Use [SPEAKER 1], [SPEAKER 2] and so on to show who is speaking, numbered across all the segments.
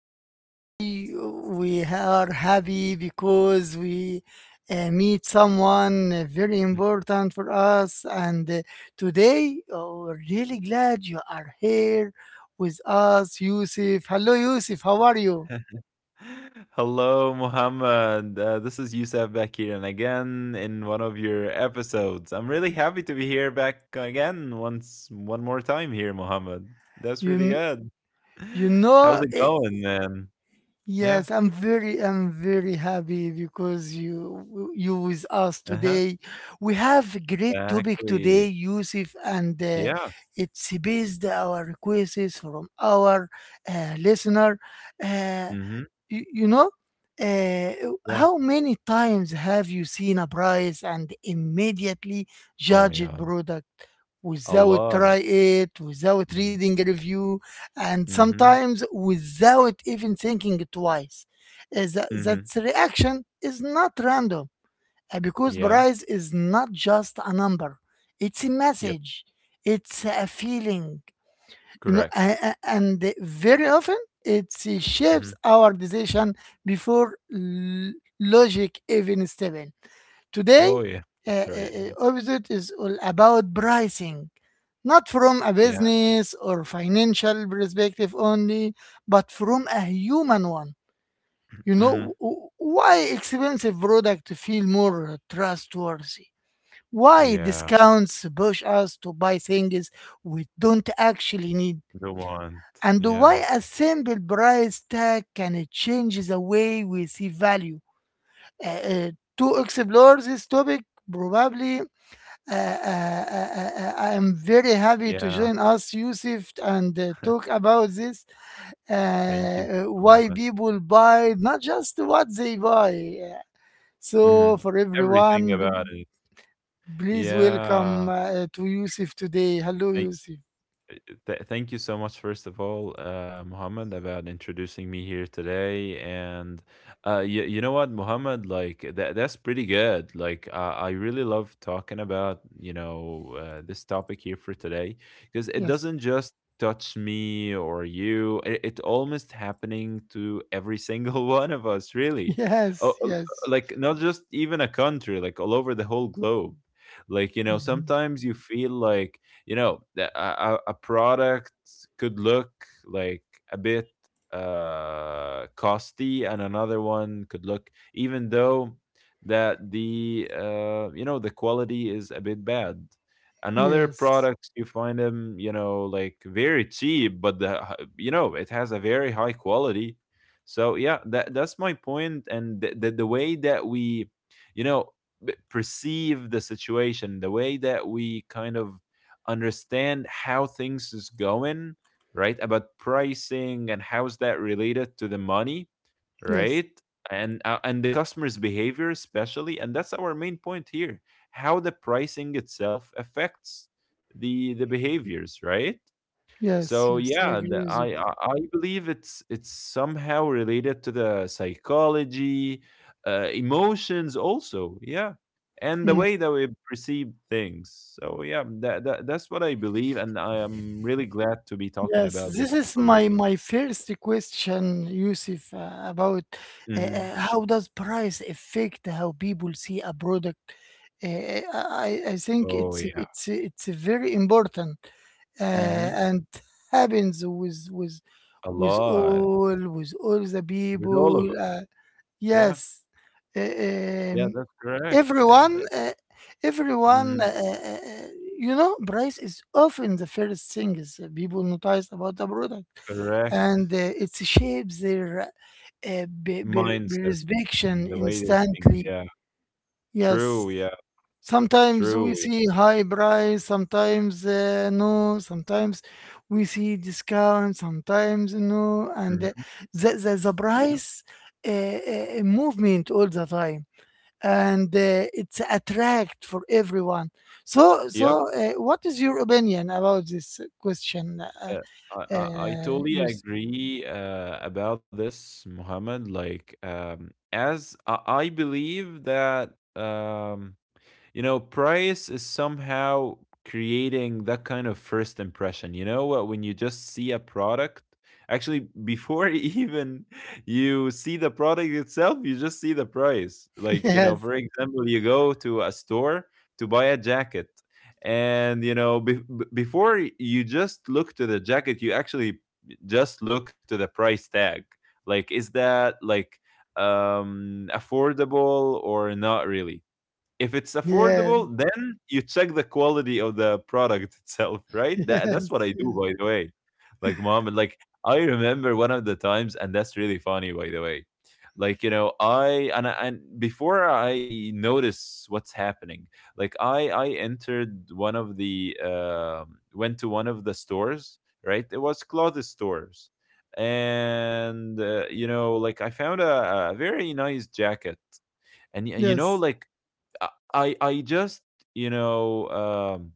[SPEAKER 1] Today we are happy because we meet someone very important for us. And Today we're really glad you are here with us, Yusuf. Hello, Yusuf. How are you?
[SPEAKER 2] Hello, Muhammad. This is Youssef back here and again in one of your episodes. I'm really happy to be here back again once one more time here, Muhammad. That's
[SPEAKER 1] You
[SPEAKER 2] really
[SPEAKER 1] kn-
[SPEAKER 2] good.
[SPEAKER 1] you
[SPEAKER 2] How's
[SPEAKER 1] know
[SPEAKER 2] it going, man? Yeah.
[SPEAKER 1] Yes, I'm very happy because you with us
[SPEAKER 2] Uh-huh.
[SPEAKER 1] today. We have a great topic today,
[SPEAKER 2] Exactly.
[SPEAKER 1] Yusuf, and
[SPEAKER 2] Yeah.
[SPEAKER 1] it's based our requests from our listener. Uh,
[SPEAKER 2] Mm-hmm.
[SPEAKER 1] you know uh,
[SPEAKER 2] Yeah.
[SPEAKER 1] how many times have you seen a price and immediately
[SPEAKER 2] Oh my
[SPEAKER 1] judged
[SPEAKER 2] God.
[SPEAKER 1] product
[SPEAKER 2] A
[SPEAKER 1] without
[SPEAKER 2] lot.
[SPEAKER 1] try it, without
[SPEAKER 2] Mm-hmm.
[SPEAKER 1] reading a review, and
[SPEAKER 2] Mm-hmm.
[SPEAKER 1] sometimes without even thinking twice. Uh, that,
[SPEAKER 2] Mm-hmm.
[SPEAKER 1] that reaction is not random, because
[SPEAKER 2] Yeah.
[SPEAKER 1] price is not just a number, it's a
[SPEAKER 2] Yep.
[SPEAKER 1] message, it's a feeling. You know,
[SPEAKER 2] Correct.
[SPEAKER 1] and very often it
[SPEAKER 2] Mm-hmm.
[SPEAKER 1] shapes our decision before logic even step in.
[SPEAKER 2] Oh
[SPEAKER 1] Today
[SPEAKER 2] yeah. Right. Yeah.
[SPEAKER 1] episode is all about pricing, not from a
[SPEAKER 2] Yeah.
[SPEAKER 1] business or financial perspective only, but from a human one. You know,
[SPEAKER 2] Mm-hmm.
[SPEAKER 1] why expensive product feel more trustworthy, why
[SPEAKER 2] Yeah.
[SPEAKER 1] discounts push us to buy things we don't actually need,
[SPEAKER 2] The want.
[SPEAKER 1] and why
[SPEAKER 2] Yeah.
[SPEAKER 1] a simple price tag can change the way we see value. Uh, uh, to explore this topic, probably I am very happy to
[SPEAKER 2] Yeah,
[SPEAKER 1] join us, Yusuf, and talk about this uh,
[SPEAKER 2] thank you
[SPEAKER 1] uh,
[SPEAKER 2] so
[SPEAKER 1] why
[SPEAKER 2] much.
[SPEAKER 1] people buy, not just what they buy. Uh,
[SPEAKER 2] Mhm.
[SPEAKER 1] So, for everyone,
[SPEAKER 2] Everything about it.
[SPEAKER 1] please welcome
[SPEAKER 2] Yeah.
[SPEAKER 1] to Yusuf today. Hello,
[SPEAKER 2] Thank
[SPEAKER 1] Yusuf.
[SPEAKER 2] thank you so much, first of all, Muhammad, about introducing me here today. And you know what, Muhammad, like that's pretty good. Like I really love talking about this topic here for today because it
[SPEAKER 1] Yes,
[SPEAKER 2] doesn't just touch me or you. It almost happening to every single one of us, really. Oh,
[SPEAKER 1] yes,
[SPEAKER 2] oh,
[SPEAKER 1] yes.
[SPEAKER 2] like not just even a country, like all over the whole globe. Like you know,
[SPEAKER 1] Mhm.
[SPEAKER 2] sometimes you feel like you know a product could look like a bit costly, and another one could look, even though that the you know the quality is a bit bad. Another
[SPEAKER 1] Yes.
[SPEAKER 2] products, you find them, you know, like very cheap, but you know, it has a very high quality. So yeah, that that's my point. And the way that we you know perceive the situation, the way that we kind of understand how things is going, right? About pricing and how's that related to the money, right?
[SPEAKER 1] Yes.
[SPEAKER 2] And the customer's behavior especially, and that's our main point here: how the pricing itself affects the behaviors, right?
[SPEAKER 1] Yes,
[SPEAKER 2] So
[SPEAKER 1] yes, I
[SPEAKER 2] yeah,
[SPEAKER 1] agree with you.
[SPEAKER 2] I believe it's somehow related to the psychology, emotions also, yeah, and the
[SPEAKER 1] Mm.
[SPEAKER 2] way that we perceive things. So yeah, that's what I believe, and I am really glad to be talking
[SPEAKER 1] Yes,
[SPEAKER 2] about
[SPEAKER 1] this
[SPEAKER 2] this,
[SPEAKER 1] is
[SPEAKER 2] Muhammad.
[SPEAKER 1] my first question, Yusuf, about
[SPEAKER 2] Mhm.
[SPEAKER 1] how does price affect how people see a product? I think
[SPEAKER 2] Oh
[SPEAKER 1] it's
[SPEAKER 2] yeah.
[SPEAKER 1] it's it's very important,
[SPEAKER 2] Hmm.
[SPEAKER 1] and happens with with
[SPEAKER 2] A
[SPEAKER 1] with
[SPEAKER 2] lot.
[SPEAKER 1] all with all the
[SPEAKER 2] With all
[SPEAKER 1] people.
[SPEAKER 2] of it. Yeah,
[SPEAKER 1] Yes. Eh,
[SPEAKER 2] yeah,
[SPEAKER 1] Um,
[SPEAKER 2] that's correct. And
[SPEAKER 1] everyone, uh, everyone, uh,
[SPEAKER 2] mm,
[SPEAKER 1] uh, uh, you know, price is often the first thing is people notice about the product,
[SPEAKER 2] correct.
[SPEAKER 1] and it shapes their
[SPEAKER 2] Mindset,
[SPEAKER 1] perception
[SPEAKER 2] the way they think.
[SPEAKER 1] instantly.
[SPEAKER 2] Yeah,
[SPEAKER 1] Yes.
[SPEAKER 2] true. Yeah,
[SPEAKER 1] Sometimes we
[SPEAKER 2] true. Yeah.
[SPEAKER 1] see high price, sometimes no, sometimes we see discount, sometimes no, and
[SPEAKER 2] Mm-hmm.
[SPEAKER 1] the
[SPEAKER 2] Yep,
[SPEAKER 1] price movement all the time, and it's attract for everyone. So
[SPEAKER 2] yep.
[SPEAKER 1] so, uh, what is your opinion about this question?
[SPEAKER 2] Uh, I, I totally
[SPEAKER 1] Use
[SPEAKER 2] agree about this, Muhammad. Like, I believe that you know, price is somehow creating that kind of first impression. You know what? When you just see a product, actually, before even you see the product itself, you just see the price. Like, you know,
[SPEAKER 1] Yes,
[SPEAKER 2] for example, you go to a store to buy a jacket. And you know, before you just look to the jacket, you actually just look to the price tag. Like, is that like affordable or not really? If it's
[SPEAKER 1] yes,
[SPEAKER 2] affordable, then you check the quality of the product itself, right? That
[SPEAKER 1] yes,
[SPEAKER 2] that's what I
[SPEAKER 1] yes,
[SPEAKER 2] do, by the way. Like mom, like I remember one of the times, and that's really funny, by the way. Like you know, I- and before I notice what's happening, like I entered one of the went to one of the stores, right? It was clothes stores. And you know, like I found a very nice jacket. And
[SPEAKER 1] yes.
[SPEAKER 2] I I just you know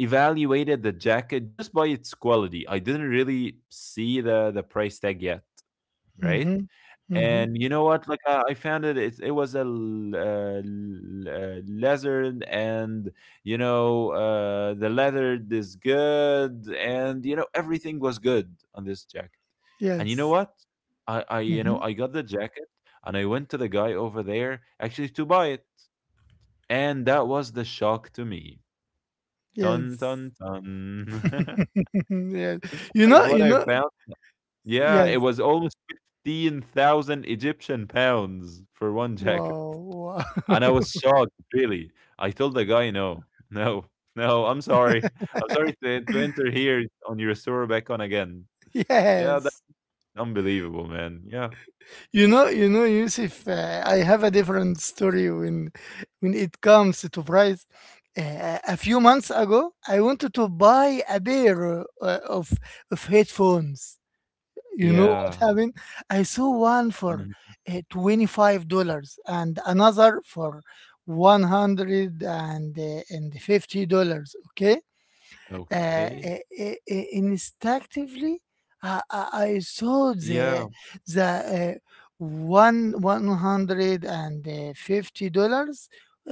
[SPEAKER 2] evaluated the jacket just by its quality. I didn't really see the price tag yet, right?
[SPEAKER 1] Mm-hmm. Mm-hmm.
[SPEAKER 2] And you know what? Like I found it was leather, and the leather is good, and you know everything was good on this jacket. And you know
[SPEAKER 1] Yes.
[SPEAKER 2] what? I
[SPEAKER 1] Mm-hmm.
[SPEAKER 2] I got the jacket, and I went to the guy over there actually to buy it, and that was the shock to me. Dun,
[SPEAKER 1] Yes.
[SPEAKER 2] dun, dun.
[SPEAKER 1] Yes.
[SPEAKER 2] It's
[SPEAKER 1] You
[SPEAKER 2] like
[SPEAKER 1] know,
[SPEAKER 2] what
[SPEAKER 1] you
[SPEAKER 2] I
[SPEAKER 1] know,
[SPEAKER 2] found. Yeah, it
[SPEAKER 1] yes.
[SPEAKER 2] was almost 15,000 Egyptian pounds for one jacket.
[SPEAKER 1] Wow, wow.
[SPEAKER 2] And I was shocked, really. I told the guy, "No, no, no, I'm sorry. I'm sorry to enter here on your store back on again." Yeah, that's
[SPEAKER 1] Yes.
[SPEAKER 2] unbelievable, man. Yeah.
[SPEAKER 1] You know, Yusuf, I have a different story when it comes to price. A few months ago, I wanted to buy a pair of headphones. You know
[SPEAKER 2] Yeah.
[SPEAKER 1] what happened? I saw one for
[SPEAKER 2] Mhm.
[SPEAKER 1] $25 and another for $150. Okay?
[SPEAKER 2] Okay.
[SPEAKER 1] Instinctively, I saw
[SPEAKER 2] Yeah.
[SPEAKER 1] the uh, one one hundred and fifty dollars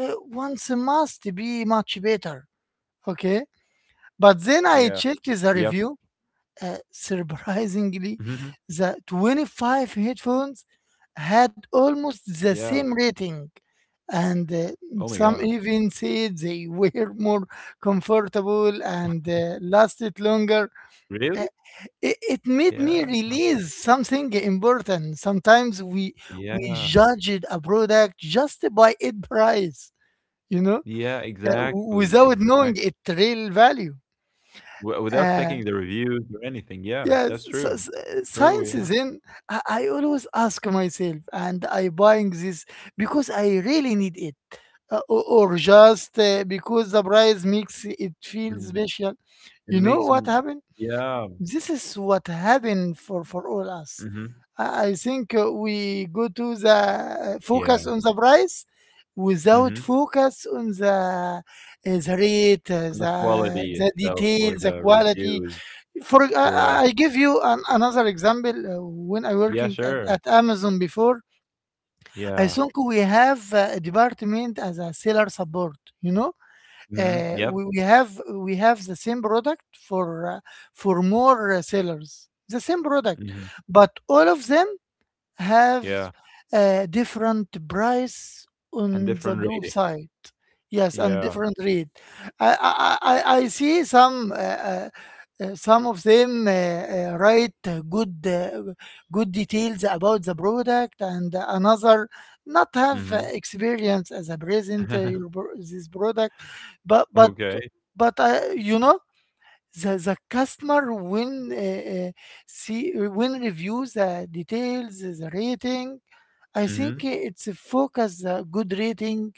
[SPEAKER 1] once must be much better. Okay,
[SPEAKER 2] Yeah.
[SPEAKER 1] but then I
[SPEAKER 2] Yep.
[SPEAKER 1] checked the review.
[SPEAKER 2] Mhm.
[SPEAKER 1] Surprisingly, the 25 headphones had almost
[SPEAKER 2] Yeah.
[SPEAKER 1] the same rating. And
[SPEAKER 2] Oh my God.
[SPEAKER 1] some even said they were more comfortable and lasted longer.
[SPEAKER 2] Really?
[SPEAKER 1] Uh, it, it made
[SPEAKER 2] Yeah.
[SPEAKER 1] me release something important. Sometimes we
[SPEAKER 2] Yeah.
[SPEAKER 1] judged a product just by its price, you know,
[SPEAKER 2] Yeah, exactly.
[SPEAKER 1] without knowing
[SPEAKER 2] Exactly.
[SPEAKER 1] its real value.
[SPEAKER 2] wi Without
[SPEAKER 1] Uh,
[SPEAKER 2] checking the reviews or anything, yeah,
[SPEAKER 1] yes,
[SPEAKER 2] that's true. True,
[SPEAKER 1] science is
[SPEAKER 2] yeah.
[SPEAKER 1] in. I always ask myself, and I buying this because I really need it, or just because the price makes it feel
[SPEAKER 2] Mm.
[SPEAKER 1] special.
[SPEAKER 2] It
[SPEAKER 1] You know
[SPEAKER 2] makes
[SPEAKER 1] what
[SPEAKER 2] 'em.
[SPEAKER 1] happened?
[SPEAKER 2] Yeah,
[SPEAKER 1] This is what happened for all us.
[SPEAKER 2] mhm,
[SPEAKER 1] I think, we go to the
[SPEAKER 2] yeah,
[SPEAKER 1] focus on the price without
[SPEAKER 2] mhm,
[SPEAKER 1] focus on the rate,
[SPEAKER 2] and the
[SPEAKER 1] the
[SPEAKER 2] quality
[SPEAKER 1] the
[SPEAKER 2] itself
[SPEAKER 1] detail,
[SPEAKER 2] or
[SPEAKER 1] the
[SPEAKER 2] the
[SPEAKER 1] quality.
[SPEAKER 2] reviews,
[SPEAKER 1] For
[SPEAKER 2] correct.
[SPEAKER 1] I give you another example. When I
[SPEAKER 2] Yeah,
[SPEAKER 1] working at,
[SPEAKER 2] sure,
[SPEAKER 1] at Amazon before, I
[SPEAKER 2] yeah,
[SPEAKER 1] think we have a department as a seller support. You know,
[SPEAKER 2] mhm,
[SPEAKER 1] uh, we,
[SPEAKER 2] yep,
[SPEAKER 1] we have we have the same product for more sellers the same product,
[SPEAKER 2] mhm,
[SPEAKER 1] but all of them have
[SPEAKER 2] yeah,
[SPEAKER 1] a different price
[SPEAKER 2] and
[SPEAKER 1] on the
[SPEAKER 2] different rating,
[SPEAKER 1] website. Yes, and
[SPEAKER 2] yeah,
[SPEAKER 1] different rate. I see some of them write good good details about the product, and another not have
[SPEAKER 2] mhm.
[SPEAKER 1] experience as a present this product, but but
[SPEAKER 2] Okay,
[SPEAKER 1] but you know the customer when uh, see when reviews, the details, the rating. I think
[SPEAKER 2] mhm,
[SPEAKER 1] it's a focus the good rating,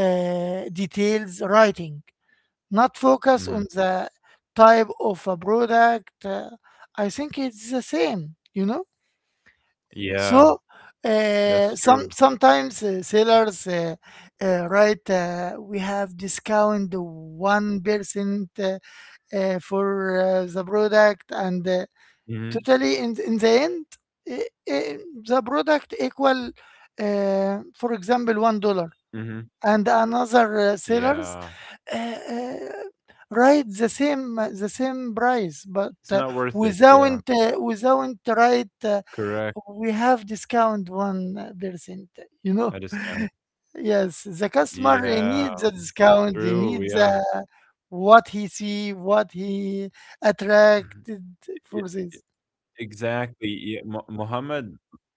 [SPEAKER 1] details writing, not focus on
[SPEAKER 2] mhm,
[SPEAKER 1] the type of a product. I think it's the same, you know.
[SPEAKER 2] yeah,
[SPEAKER 1] So
[SPEAKER 2] that's true,
[SPEAKER 1] sometimes sellers write we have discount 1% for the product and
[SPEAKER 2] mhm,
[SPEAKER 1] totally in the end uh, uh, the product equal for example $1,
[SPEAKER 2] mhm,
[SPEAKER 1] and another sellers
[SPEAKER 2] yeah,
[SPEAKER 1] uh, uh, write the same price, but
[SPEAKER 2] it's
[SPEAKER 1] uh,
[SPEAKER 2] not worth it, yeah.
[SPEAKER 1] without uh, without right,
[SPEAKER 2] Correct.
[SPEAKER 1] we have discount 1%, you know.
[SPEAKER 2] A discount.
[SPEAKER 1] Yes, the customer he
[SPEAKER 2] Yeah.
[SPEAKER 1] needs the discount. He
[SPEAKER 2] True.
[SPEAKER 1] needs,
[SPEAKER 2] Yeah.
[SPEAKER 1] what he see, what he attracted
[SPEAKER 2] Yeah.
[SPEAKER 1] for this.
[SPEAKER 2] Exactly. Yeah, Muhammad,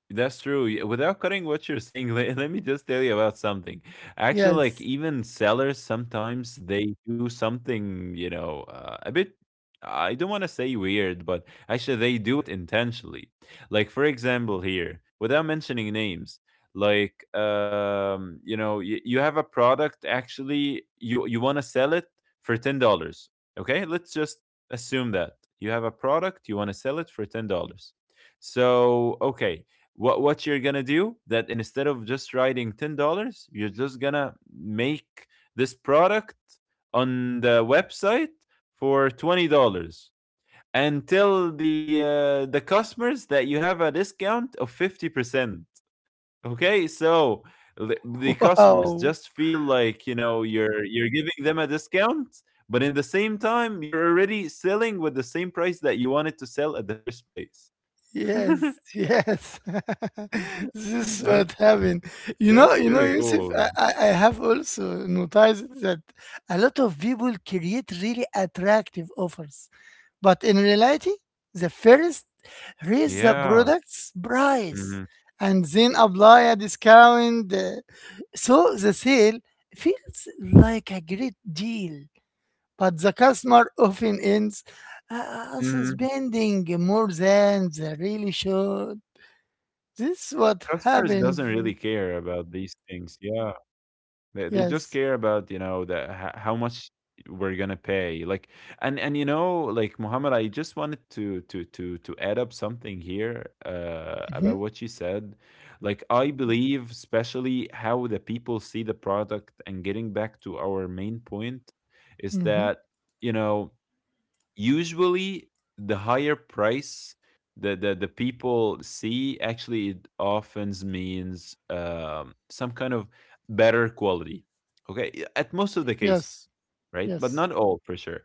[SPEAKER 2] that's true. Yeah. Without cutting what you're saying, let me just tell you about something. Actually, like
[SPEAKER 1] Yes.
[SPEAKER 2] even sellers sometimes they do something, you know, a bit, I don't want to say weird, but actually they do it intentionally. Like for example here, without mentioning names, like you know, you have a product actually you want to sell it for $10. Okay? Let's just assume that you have a product you want to sell it for $10. So okay, what you're gonna do, that instead of just writing $10, you're just gonna make this product on the website for $20 and tell the customers that you have a discount of 50%. Okay, so the customers
[SPEAKER 1] Wow.
[SPEAKER 2] just feel like you know you're giving them a discount, but in the same time you're already selling with the same price that you wanted to sell at the first place.
[SPEAKER 1] Yes. Yes. This is
[SPEAKER 2] that's
[SPEAKER 1] what happened. You know.
[SPEAKER 2] that's
[SPEAKER 1] You know,
[SPEAKER 2] really
[SPEAKER 1] Yusuf.
[SPEAKER 2] cool,
[SPEAKER 1] I,
[SPEAKER 2] man.
[SPEAKER 1] I I have also noticed that a lot of people create really attractive offers, but in reality, the first raise the
[SPEAKER 2] Yeah.
[SPEAKER 1] product's price
[SPEAKER 2] Hmm.
[SPEAKER 1] and then apply a discount. So the sale feels like a great deal, but the customer often ends uh,
[SPEAKER 2] Hmm.
[SPEAKER 1] spending more than they really should. This is what
[SPEAKER 2] Customers
[SPEAKER 1] happened.
[SPEAKER 2] doesn't really care about these things. Yeah. They just
[SPEAKER 1] Yes.
[SPEAKER 2] care about you know how much we're gonna pay. Like, and you know like Muhammad, I just wanted to add up something here about
[SPEAKER 1] hmm
[SPEAKER 2] what you said. Like I believe, especially how the people see the product and getting back to our main point, is
[SPEAKER 1] hmm
[SPEAKER 2] that you know usually the higher price that the people see, actually it often means some kind of better quality, okay, at most of the
[SPEAKER 1] Yes.
[SPEAKER 2] cases, right, but
[SPEAKER 1] Yes.
[SPEAKER 2] not all for sure.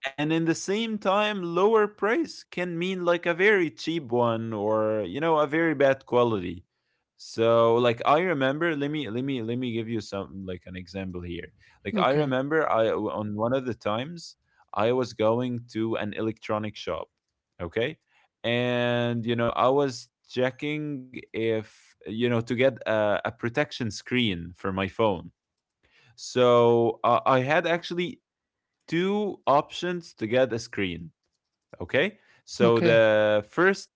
[SPEAKER 2] And in the same time lower price can mean like a very cheap one, or you know a very bad quality. So like I remember, let me give you some like an example here. Like I
[SPEAKER 1] Okay.
[SPEAKER 2] remember I on one of the times I was going to an electronic shop, okay, and you know I was checking if you know to get a protection screen for my phone. So I had actually two options to get a screen. Okay. So
[SPEAKER 1] Okay.
[SPEAKER 2] the first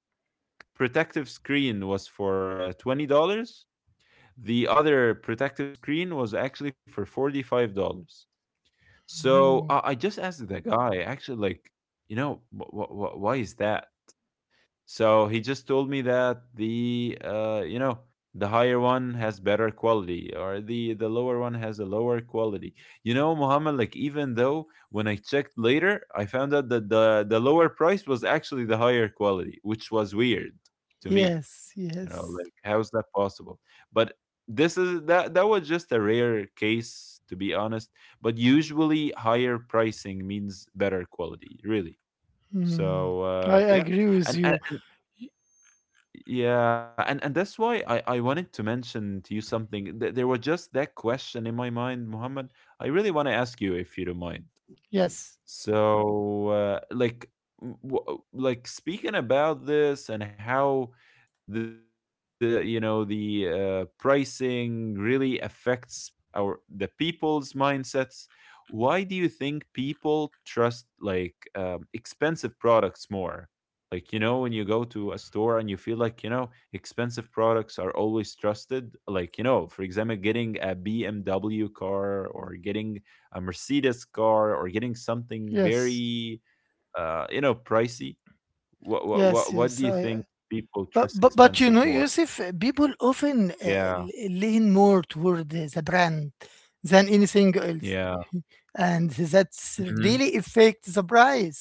[SPEAKER 2] protective screen was for $20. The other protective screen was actually for $45. So
[SPEAKER 1] Mm.
[SPEAKER 2] I just asked the guy, actually, like, you know, why is that? So he just told me that the you know the higher one has better quality, or the lower one has a lower quality. You know, Muhammad, like even though when I checked later, I found out that the lower price was actually the higher quality, which was weird to me.
[SPEAKER 1] Yes.
[SPEAKER 2] You know,
[SPEAKER 1] Yes.
[SPEAKER 2] like how's that possible? But this is that that was just a rare case, to be honest. But usually higher pricing means better quality, really.
[SPEAKER 1] Mm.
[SPEAKER 2] So
[SPEAKER 1] I agree with
[SPEAKER 2] and, and
[SPEAKER 1] you.
[SPEAKER 2] yeah, and that's why I wanted to mention to you something. There was just that question in my mind, Muhammad. I really want to ask you if you don't mind.
[SPEAKER 1] Yes.
[SPEAKER 2] So, like, like speaking about this and how the you know the pricing really affects our the people's mindsets. Why do you think people trust like expensive products more? Like you know, when you go to a store and you feel like you know expensive products are always trusted. Like you know, for example, getting a BMW car, or getting a Mercedes car, or getting something
[SPEAKER 1] Yes.
[SPEAKER 2] very, you know, pricey?
[SPEAKER 1] Yes.
[SPEAKER 2] What
[SPEAKER 1] Yes.
[SPEAKER 2] do you think
[SPEAKER 1] I
[SPEAKER 2] people
[SPEAKER 1] But
[SPEAKER 2] trust
[SPEAKER 1] but but you
[SPEAKER 2] expensive
[SPEAKER 1] know,
[SPEAKER 2] more?
[SPEAKER 1] Yusuf, people often
[SPEAKER 2] Yeah,
[SPEAKER 1] lean more toward the brand than anything else,
[SPEAKER 2] yeah,
[SPEAKER 1] and that's
[SPEAKER 2] mhm,
[SPEAKER 1] really affect the price,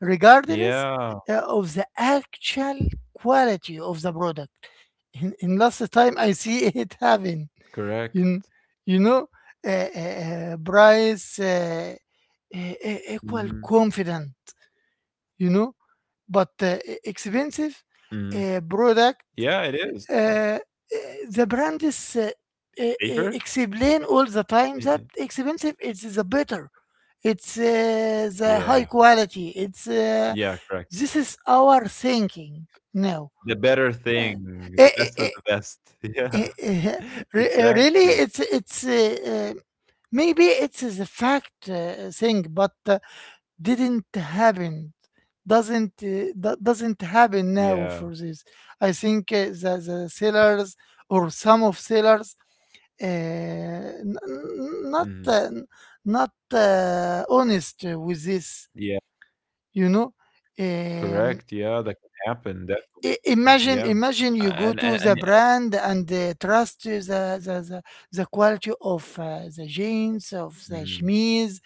[SPEAKER 1] regardless
[SPEAKER 2] yeah,
[SPEAKER 1] of the actual quality of the product. In last time, I see it happen.
[SPEAKER 2] correct.
[SPEAKER 1] You kn- you know, price
[SPEAKER 2] Mhm,
[SPEAKER 1] equal confident. You know, but
[SPEAKER 2] mhm.
[SPEAKER 1] expensive
[SPEAKER 2] Yeah, it
[SPEAKER 1] product,
[SPEAKER 2] is
[SPEAKER 1] uh, uh, the brand
[SPEAKER 2] safer.
[SPEAKER 1] is
[SPEAKER 2] Y-
[SPEAKER 1] explain all the time that expensive it's the better, it's
[SPEAKER 2] Yeah,
[SPEAKER 1] the high quality,
[SPEAKER 2] yeah,
[SPEAKER 1] it's
[SPEAKER 2] correct.
[SPEAKER 1] this is our thinking
[SPEAKER 2] The better
[SPEAKER 1] now.
[SPEAKER 2] thing, the
[SPEAKER 1] uh,
[SPEAKER 2] best of the
[SPEAKER 1] eh,
[SPEAKER 2] best.
[SPEAKER 1] eh, eh,
[SPEAKER 2] Yeah,
[SPEAKER 1] eh, eh,
[SPEAKER 2] exactly.
[SPEAKER 1] Really it's maybe it's the fact thing, but didn't happen, doesn't doesn't happen
[SPEAKER 2] Yeah.
[SPEAKER 1] now for this. I think, the sellers or some of sellers, uh, n-
[SPEAKER 2] Mhm.
[SPEAKER 1] n- not uh, not honest with
[SPEAKER 2] Yeah,
[SPEAKER 1] this, you know.
[SPEAKER 2] correct.
[SPEAKER 1] um,
[SPEAKER 2] Yeah, that can happen definitely. Yeah.
[SPEAKER 1] imagine imagine
[SPEAKER 2] And
[SPEAKER 1] you
[SPEAKER 2] and
[SPEAKER 1] go
[SPEAKER 2] and.
[SPEAKER 1] to the brand and trust the the the quality of the jeans of the
[SPEAKER 2] Mhm.
[SPEAKER 1] chemise,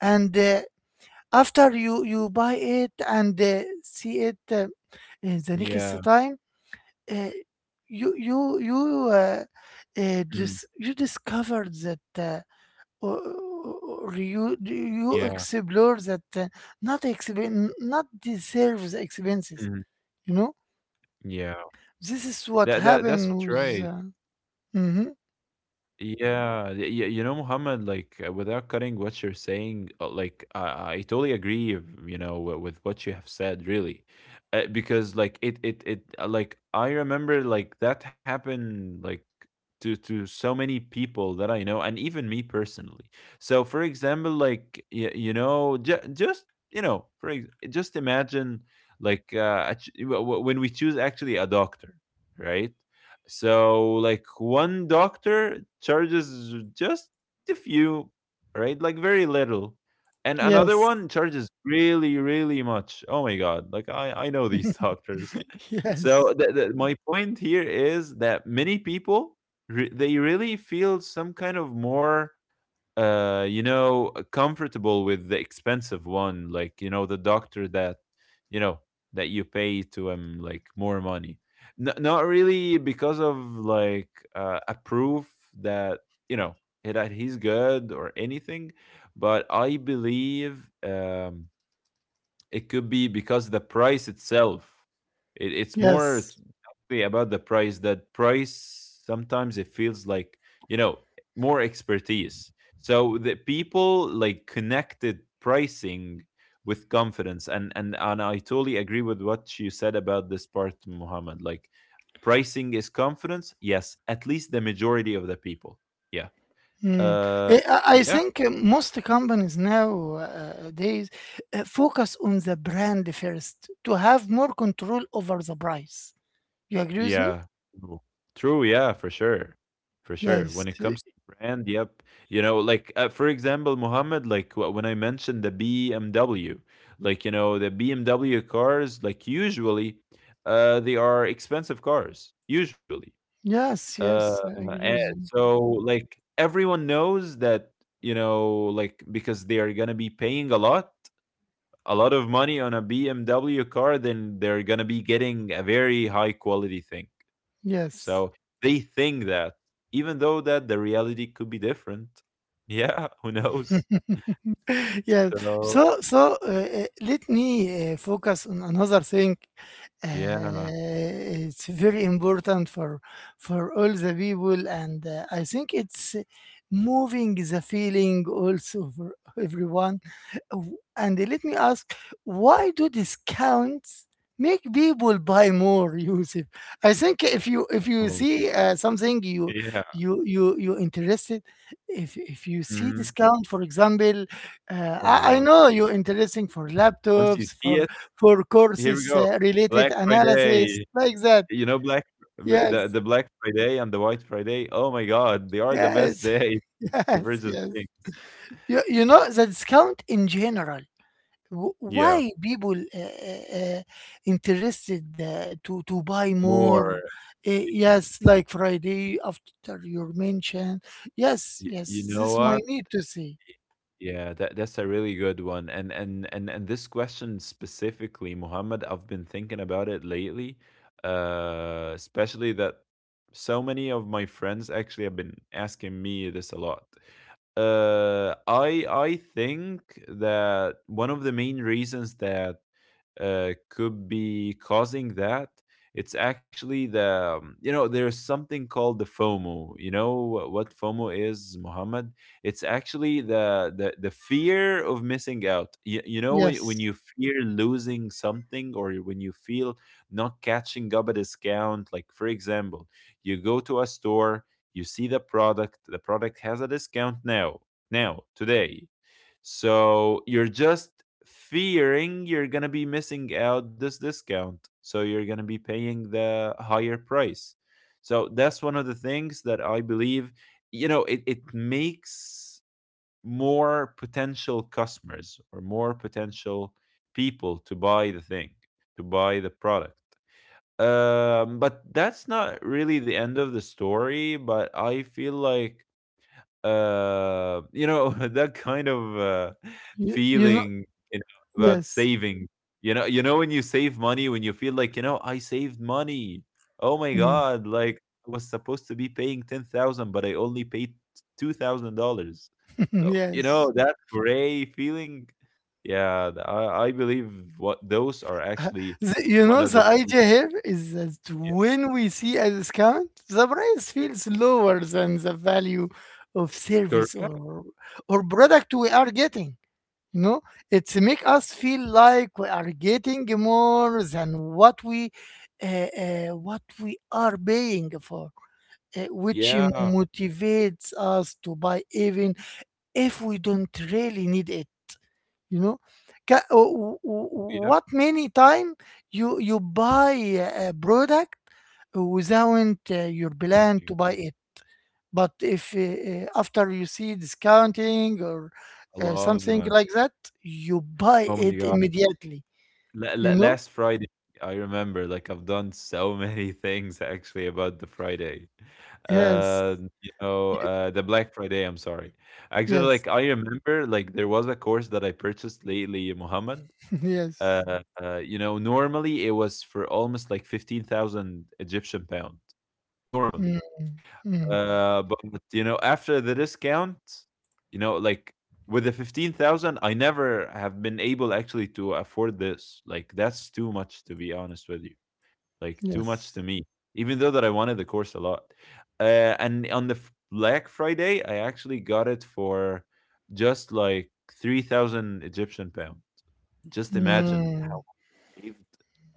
[SPEAKER 1] and after you buy it and see it, the
[SPEAKER 2] Yeah.
[SPEAKER 1] next time, uh, you you you uh,
[SPEAKER 2] Mhm.
[SPEAKER 1] you discovered that, or you
[SPEAKER 2] Yeah.
[SPEAKER 1] explore that, not not deserves expenses,
[SPEAKER 2] Mhm.
[SPEAKER 1] you know.
[SPEAKER 2] Yeah.
[SPEAKER 1] This is what
[SPEAKER 2] That that
[SPEAKER 1] happened
[SPEAKER 2] that's
[SPEAKER 1] with
[SPEAKER 2] right.
[SPEAKER 1] mhm.
[SPEAKER 2] Yeah, you know, Muhammad, like without cutting what you're saying, like I totally agree, of, you know, with what you have said, really, because like like I remember like that happened like to so many people that I know, and even me personally. So, for example, like you know, just you know, just imagine like a ch- w- w- when we choose actually a doctor, right? So like one doctor charges just a few, right? Like very little. And another
[SPEAKER 1] Yes.
[SPEAKER 2] one charges really, really much. Oh my god. Like I know these doctors.
[SPEAKER 1] Yes,
[SPEAKER 2] So my point here is that many people they really feel some kind of more comfortable with the expensive one, like, you know, the doctor that you know that you pay to him, like, more money. Not really because of like a proof that, you know, that he's good or anything, but I believe it could be because the price itself. It, it's more
[SPEAKER 1] yes.
[SPEAKER 2] t- actually about the price. That price sometimes it feels like, you know, more expertise. So the people like connected pricing with confidence, and I totally agree with what you said about this part, Muhammad. Like pricing is confidence. Yes, at least the majority of the people. Yeah.
[SPEAKER 1] Mm.
[SPEAKER 2] Uh.
[SPEAKER 1] I
[SPEAKER 2] Yeah.
[SPEAKER 1] think, most companies nowadays focus on the brand first to have more control over the price. You agree with me?
[SPEAKER 2] Yeah. True. True, yeah, for sure. For sure.
[SPEAKER 1] Yes.
[SPEAKER 2] When it comes to brand, yep. You know, like for example, Mohammed, like when I mentioned the BMW, like, you know, the BMW cars, like, usually, they are expensive cars, usually.
[SPEAKER 1] Yes,
[SPEAKER 2] Uh,
[SPEAKER 1] yes, I
[SPEAKER 2] and
[SPEAKER 1] agree with you.
[SPEAKER 2] so like everyone knows that, you know, like because they are gonna be paying a lot of money on a BMW car, then they're gonna be getting a very high quality thing, so
[SPEAKER 1] Yes.
[SPEAKER 2] they think that, even though that the reality could be different. Yeah, who knows?
[SPEAKER 1] Yes.
[SPEAKER 2] So
[SPEAKER 1] So, let me focus on another thing.
[SPEAKER 2] yeah,
[SPEAKER 1] It's very important for all the people, and I think it's moving the feeling also for everyone. W- And let me ask, why do discounts make people buy more, Yusuf? I think if you
[SPEAKER 2] oh,
[SPEAKER 1] see, something you
[SPEAKER 2] yeah,
[SPEAKER 1] you you you interested. If you see
[SPEAKER 2] mhm.
[SPEAKER 1] discount, for example, uh,
[SPEAKER 2] Oh my
[SPEAKER 1] I I
[SPEAKER 2] god!
[SPEAKER 1] know you're interesting for
[SPEAKER 2] Once you
[SPEAKER 1] laptops,
[SPEAKER 2] see
[SPEAKER 1] for
[SPEAKER 2] it,
[SPEAKER 1] for
[SPEAKER 2] here we
[SPEAKER 1] courses
[SPEAKER 2] go.
[SPEAKER 1] related
[SPEAKER 2] Black
[SPEAKER 1] analysis,
[SPEAKER 2] Friday,
[SPEAKER 1] like that.
[SPEAKER 2] you know,
[SPEAKER 1] Yes,
[SPEAKER 2] Black Friday and the White Friday. Oh my god, they are the best
[SPEAKER 1] yes,
[SPEAKER 2] day to
[SPEAKER 1] yes,
[SPEAKER 2] purchase
[SPEAKER 1] yes.
[SPEAKER 2] things.
[SPEAKER 1] You know, the discount in general,
[SPEAKER 2] Yeah,
[SPEAKER 1] why people interested to buy
[SPEAKER 2] more.
[SPEAKER 1] more? Yes, like Friday after your mention. Yes,
[SPEAKER 2] You
[SPEAKER 1] yes,
[SPEAKER 2] know
[SPEAKER 1] this my
[SPEAKER 2] what?
[SPEAKER 1] need to see.
[SPEAKER 2] Yeah, that that's a really good one. And this question specifically, Muhammad, I've been thinking about it lately. Especially that so many of my friends actually have been asking me this a lot. I think that one of the main reasons that could be causing that, it's actually the you know, there's something called the fomo. You know what fomo is, Muhammad? It's actually the fear of missing out. You know, when
[SPEAKER 1] Yes,
[SPEAKER 2] you fear losing something, or when you feel not catching up a discount. Like, for example, you go to a store, you see the product, the product has a discount now, now, today. So you're just fearing you're going to be missing out this discount, so you're going to be paying the higher price. So that's one of the things that I believe, you know, it makes more potential customers, or more potential people to buy the thing, to buy the product. But that's not really the end of the story, but I feel like you know, that kind of
[SPEAKER 1] you know,
[SPEAKER 2] feeling, you know, about
[SPEAKER 1] yes.
[SPEAKER 2] saving. You know when you save money, when you feel like, you know, I saved money. Oh my
[SPEAKER 1] Mm,
[SPEAKER 2] God, like I was supposed to be paying 10,000, but I only paid $2,000. So, you know,
[SPEAKER 1] yes.
[SPEAKER 2] that gray feeling. Yeah, I believe what those are
[SPEAKER 1] Uh,
[SPEAKER 2] actually
[SPEAKER 1] You
[SPEAKER 2] one
[SPEAKER 1] know,
[SPEAKER 2] of
[SPEAKER 1] the
[SPEAKER 2] the
[SPEAKER 1] idea here is that
[SPEAKER 2] yeah,
[SPEAKER 1] when we see a discount, the price feels lower than the value of service
[SPEAKER 2] correct.
[SPEAKER 1] or product we are getting. You know, it's make us feel like we are getting more than what we what we are paying for, which
[SPEAKER 2] Yeah,
[SPEAKER 1] motivates us to buy even if we don't really need it. You know. Ca- uh, w- w-
[SPEAKER 2] yeah.
[SPEAKER 1] what many time, you buy a product without your
[SPEAKER 2] Oh
[SPEAKER 1] plan
[SPEAKER 2] my
[SPEAKER 1] to buy
[SPEAKER 2] God,
[SPEAKER 1] it, but if, after you see discounting or
[SPEAKER 2] I love
[SPEAKER 1] something
[SPEAKER 2] that.
[SPEAKER 1] like that, you buy
[SPEAKER 2] Oh my
[SPEAKER 1] it
[SPEAKER 2] God.
[SPEAKER 1] immediately,
[SPEAKER 2] La la
[SPEAKER 1] you know.
[SPEAKER 2] Last Friday, I remember, like, I've done so many things actually about the Friday.
[SPEAKER 1] Yes.
[SPEAKER 2] Uh, you know,
[SPEAKER 1] Y-
[SPEAKER 2] the Black Friday, I'm sorry. Actually, like,
[SPEAKER 1] yes.
[SPEAKER 2] I remember, like, there was a course that I purchased lately, Muhammad.
[SPEAKER 1] Yes,
[SPEAKER 2] You know, normally it was for almost like 15,000 Egyptian pound. Normally.
[SPEAKER 1] Mm, mm.
[SPEAKER 2] But you know, after the discount, you know, like, with the 15,000, I never have been able actually to afford this. Like that's too much, to be honest with you. Like too much to
[SPEAKER 1] Yes.
[SPEAKER 2] me, even though that I wanted the course a lot. And on the Black Friday, I actually got it for just like 3,000 Egyptian pound. Just imagine how
[SPEAKER 1] Mm.
[SPEAKER 2] I saved.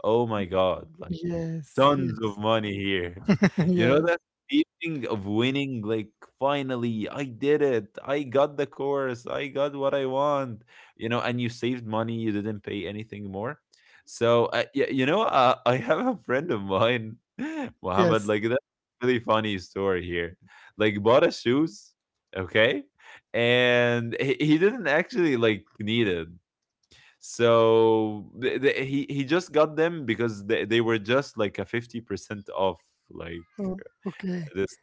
[SPEAKER 2] Oh my God. Like
[SPEAKER 1] Yes,
[SPEAKER 2] tons
[SPEAKER 1] yes.
[SPEAKER 2] of money here. You know that
[SPEAKER 1] Yes,
[SPEAKER 2] feeling of winning, like finally I did it. I got the course. I got what I want. You know, and you saved money. You didn't pay anything more. So yeah, you know, I have a friend of mine, Mohammed. Like
[SPEAKER 1] yes.
[SPEAKER 2] that's a really funny story here. Like bought a shoes, okay, and he didn't actually like need it. So he he just got them because they were just like a 50% off, like
[SPEAKER 1] Oh, okay.
[SPEAKER 2] this.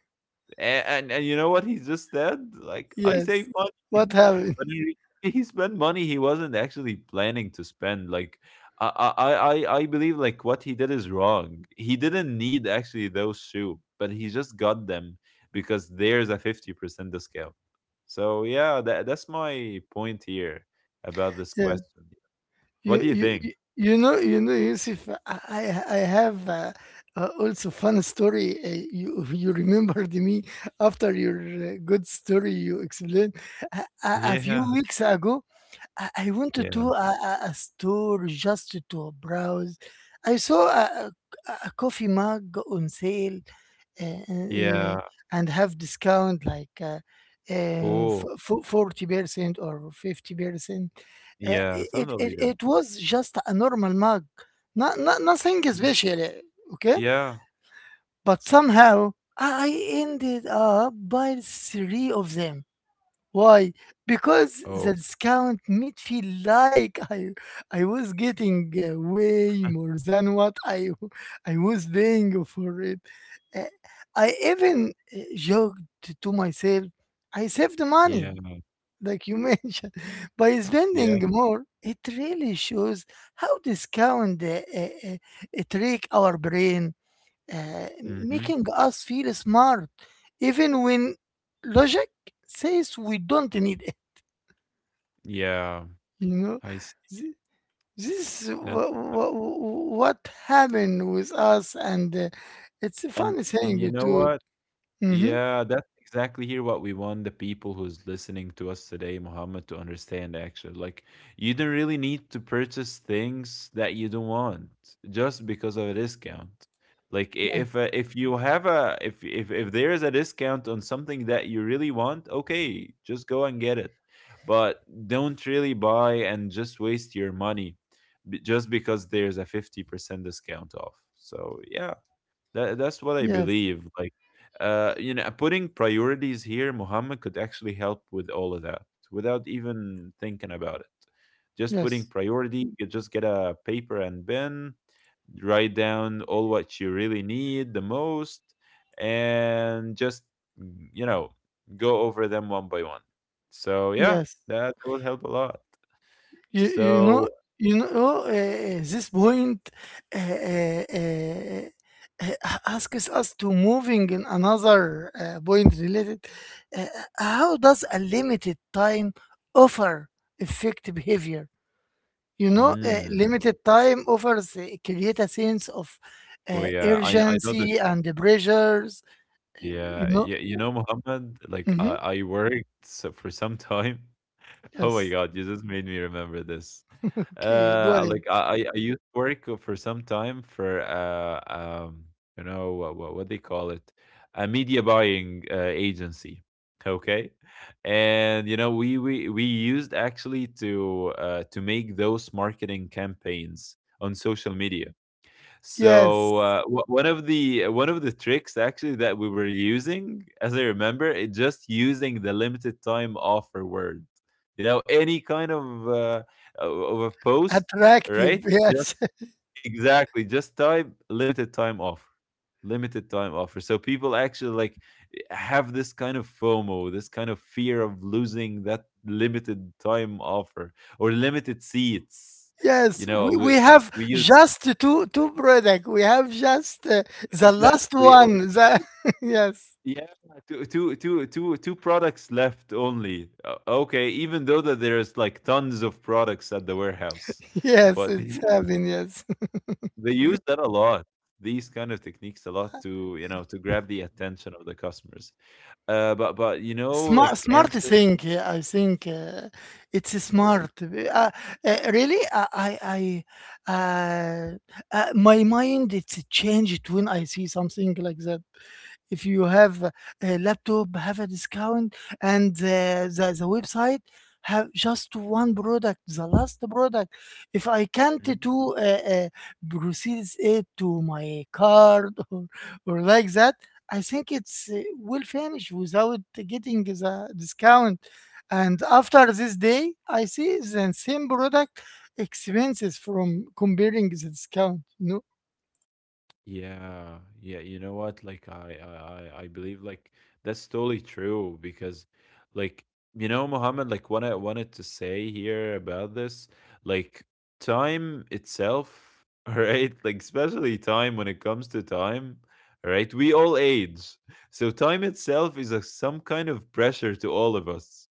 [SPEAKER 2] And, you know what he just said? Like I save
[SPEAKER 1] Yes. What
[SPEAKER 2] money,
[SPEAKER 1] happened?
[SPEAKER 2] but he spent money he wasn't actually planning to spend. Like I believe like what he did is wrong. He didn't need actually those shoe, but he just got them because there's a 50% discount. So yeah, that that's my point here about this
[SPEAKER 1] Yeah.
[SPEAKER 2] question. What
[SPEAKER 1] you
[SPEAKER 2] do you
[SPEAKER 1] you
[SPEAKER 2] think?
[SPEAKER 1] you you know you know Yusuf, I have, also fun story. You you remembered me after your good story you explained a few
[SPEAKER 2] Yeah,
[SPEAKER 1] weeks ago. I wanted
[SPEAKER 2] yeah,
[SPEAKER 1] to a store just to browse. I saw a coffee mug on sale uh, uh,
[SPEAKER 2] yeah,
[SPEAKER 1] and have discount like uh,
[SPEAKER 2] cool.
[SPEAKER 1] 40% or 50%. Uh,
[SPEAKER 2] Yeah,
[SPEAKER 1] it,
[SPEAKER 2] something
[SPEAKER 1] it
[SPEAKER 2] like that.
[SPEAKER 1] it was just a normal mug, not nothing
[SPEAKER 2] Mhm.
[SPEAKER 1] special. Okay,
[SPEAKER 2] Yeah.
[SPEAKER 1] but somehow I ended up by three of them. Why? Because
[SPEAKER 2] Oh,
[SPEAKER 1] the discount made feel like I was getting way more than what I was paying for it. Uh, I even joked to myself, I saved
[SPEAKER 2] yeah,
[SPEAKER 1] money, like you mentioned, by
[SPEAKER 2] yeah.
[SPEAKER 1] spending more. It really shows how discount trick our brain, uh,
[SPEAKER 2] Mhm.
[SPEAKER 1] making us feel smart, even when logic says we don't need it.
[SPEAKER 2] Yeah,
[SPEAKER 1] You know,
[SPEAKER 2] I see
[SPEAKER 1] Th- this is
[SPEAKER 2] that. Uh,
[SPEAKER 1] what happened with us, and it's a
[SPEAKER 2] and
[SPEAKER 1] funny
[SPEAKER 2] and you
[SPEAKER 1] thing
[SPEAKER 2] know
[SPEAKER 1] to.
[SPEAKER 2] what?
[SPEAKER 1] Mm-hmm.
[SPEAKER 2] Yeah, that's exactly here what we want the people who's listening to us today, Muhammad, to understand actually. Like you don't really need to purchase things that you don't want just because of a discount. Like
[SPEAKER 1] Yeah.
[SPEAKER 2] if you have a if there is a discount on something that you really want, okay, just go and get it. But don't really buy and just waste your money just because there's a 50% discount off. So, yeah, that that's what I
[SPEAKER 1] Yes.
[SPEAKER 2] believe. Like, you know, putting priorities here, Muhammad, could actually help with all of that without even thinking about it. Just putting
[SPEAKER 1] Yes.
[SPEAKER 2] priority, you just get a paper and pen, write down all what you really need the most, and just you know, go over them one by one. So yeah,
[SPEAKER 1] Yes.
[SPEAKER 2] that will help a lot.
[SPEAKER 1] You, you know,
[SPEAKER 2] So,
[SPEAKER 1] this point uh, uh, uh, asks us to moving in another point related. Uh, how does a limited time offer affect behavior? You know,
[SPEAKER 2] mm,
[SPEAKER 1] limited time offers create a sense of
[SPEAKER 2] oh yeah, I know the
[SPEAKER 1] urgency and the pressures. uh, You
[SPEAKER 2] Yeah, yeah,
[SPEAKER 1] know,
[SPEAKER 2] you know, Muhammad, like
[SPEAKER 1] hmm,
[SPEAKER 2] I worked so for some time. Oh my
[SPEAKER 1] yes.
[SPEAKER 2] God, you just made me remember this.
[SPEAKER 1] Okay, go
[SPEAKER 2] Uh,
[SPEAKER 1] ahead.
[SPEAKER 2] like I, I I used to work for some time for you know what they call it, a media buying agency, okay, and you know we used actually to make those marketing campaigns on social media.
[SPEAKER 1] Yes,
[SPEAKER 2] So one of the tricks actually that we were using, as I remember, it just using the limited time offer word. You know, any kind of a post,
[SPEAKER 1] attractive.
[SPEAKER 2] right? Just
[SPEAKER 1] Yes.
[SPEAKER 2] exactly. Just type limited time offer, limited time offer. So people actually like have this kind of FOMO, this kind of fear of losing that limited time offer or limited seats. You
[SPEAKER 1] Yes, we,
[SPEAKER 2] know,
[SPEAKER 1] we have
[SPEAKER 2] we use
[SPEAKER 1] just two product. We have just the last
[SPEAKER 2] exactly, or
[SPEAKER 1] one. The yes,
[SPEAKER 2] yeah, two products left only. Okay, even though that there's like tons of products at the warehouse,
[SPEAKER 1] yes,
[SPEAKER 2] but
[SPEAKER 1] it's happening. Yes,
[SPEAKER 2] they use that a lot. These kind of techniques a lot to, you know, to grab the attention of the customers. But you know
[SPEAKER 1] smart
[SPEAKER 2] like
[SPEAKER 1] smart
[SPEAKER 2] answer
[SPEAKER 1] thing. Yeah, I think it's
[SPEAKER 2] is
[SPEAKER 1] smart. Really, I my mind it's changed when I see something like that. If you have a laptop have a discount and the website have just one product, the last product, if I can't
[SPEAKER 2] mm-hmm.
[SPEAKER 1] do proceeds it to my card or like that, I think it's will finish without getting the discount, and after this day I see the same product expenses from comparing the discount. No,
[SPEAKER 2] Yeah, yeah, you know what? Like I believe like that's totally true because like, you know, Mohammed, like what I wanted to say here about this, like time itself, right? Like especially time, when it comes to time, right? We all age. So time itself is a, some kind of pressure to all of us.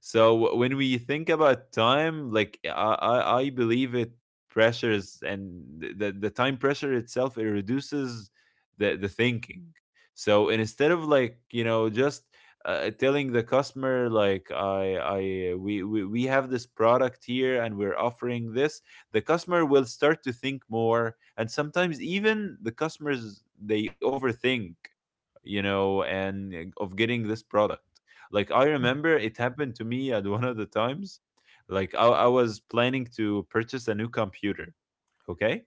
[SPEAKER 2] So when we think about time, like I believe it pressures, and the time pressure itself, it reduces the thinking. So instead of like, you know, just telling the customer like we have this product here and we're offering this, the customer will start to think more. And sometimes even the customers, they overthink, you know, and eh, of getting this product. Like I remember it happened to me at one of the times. Like I was planning to purchase a new computer, okay,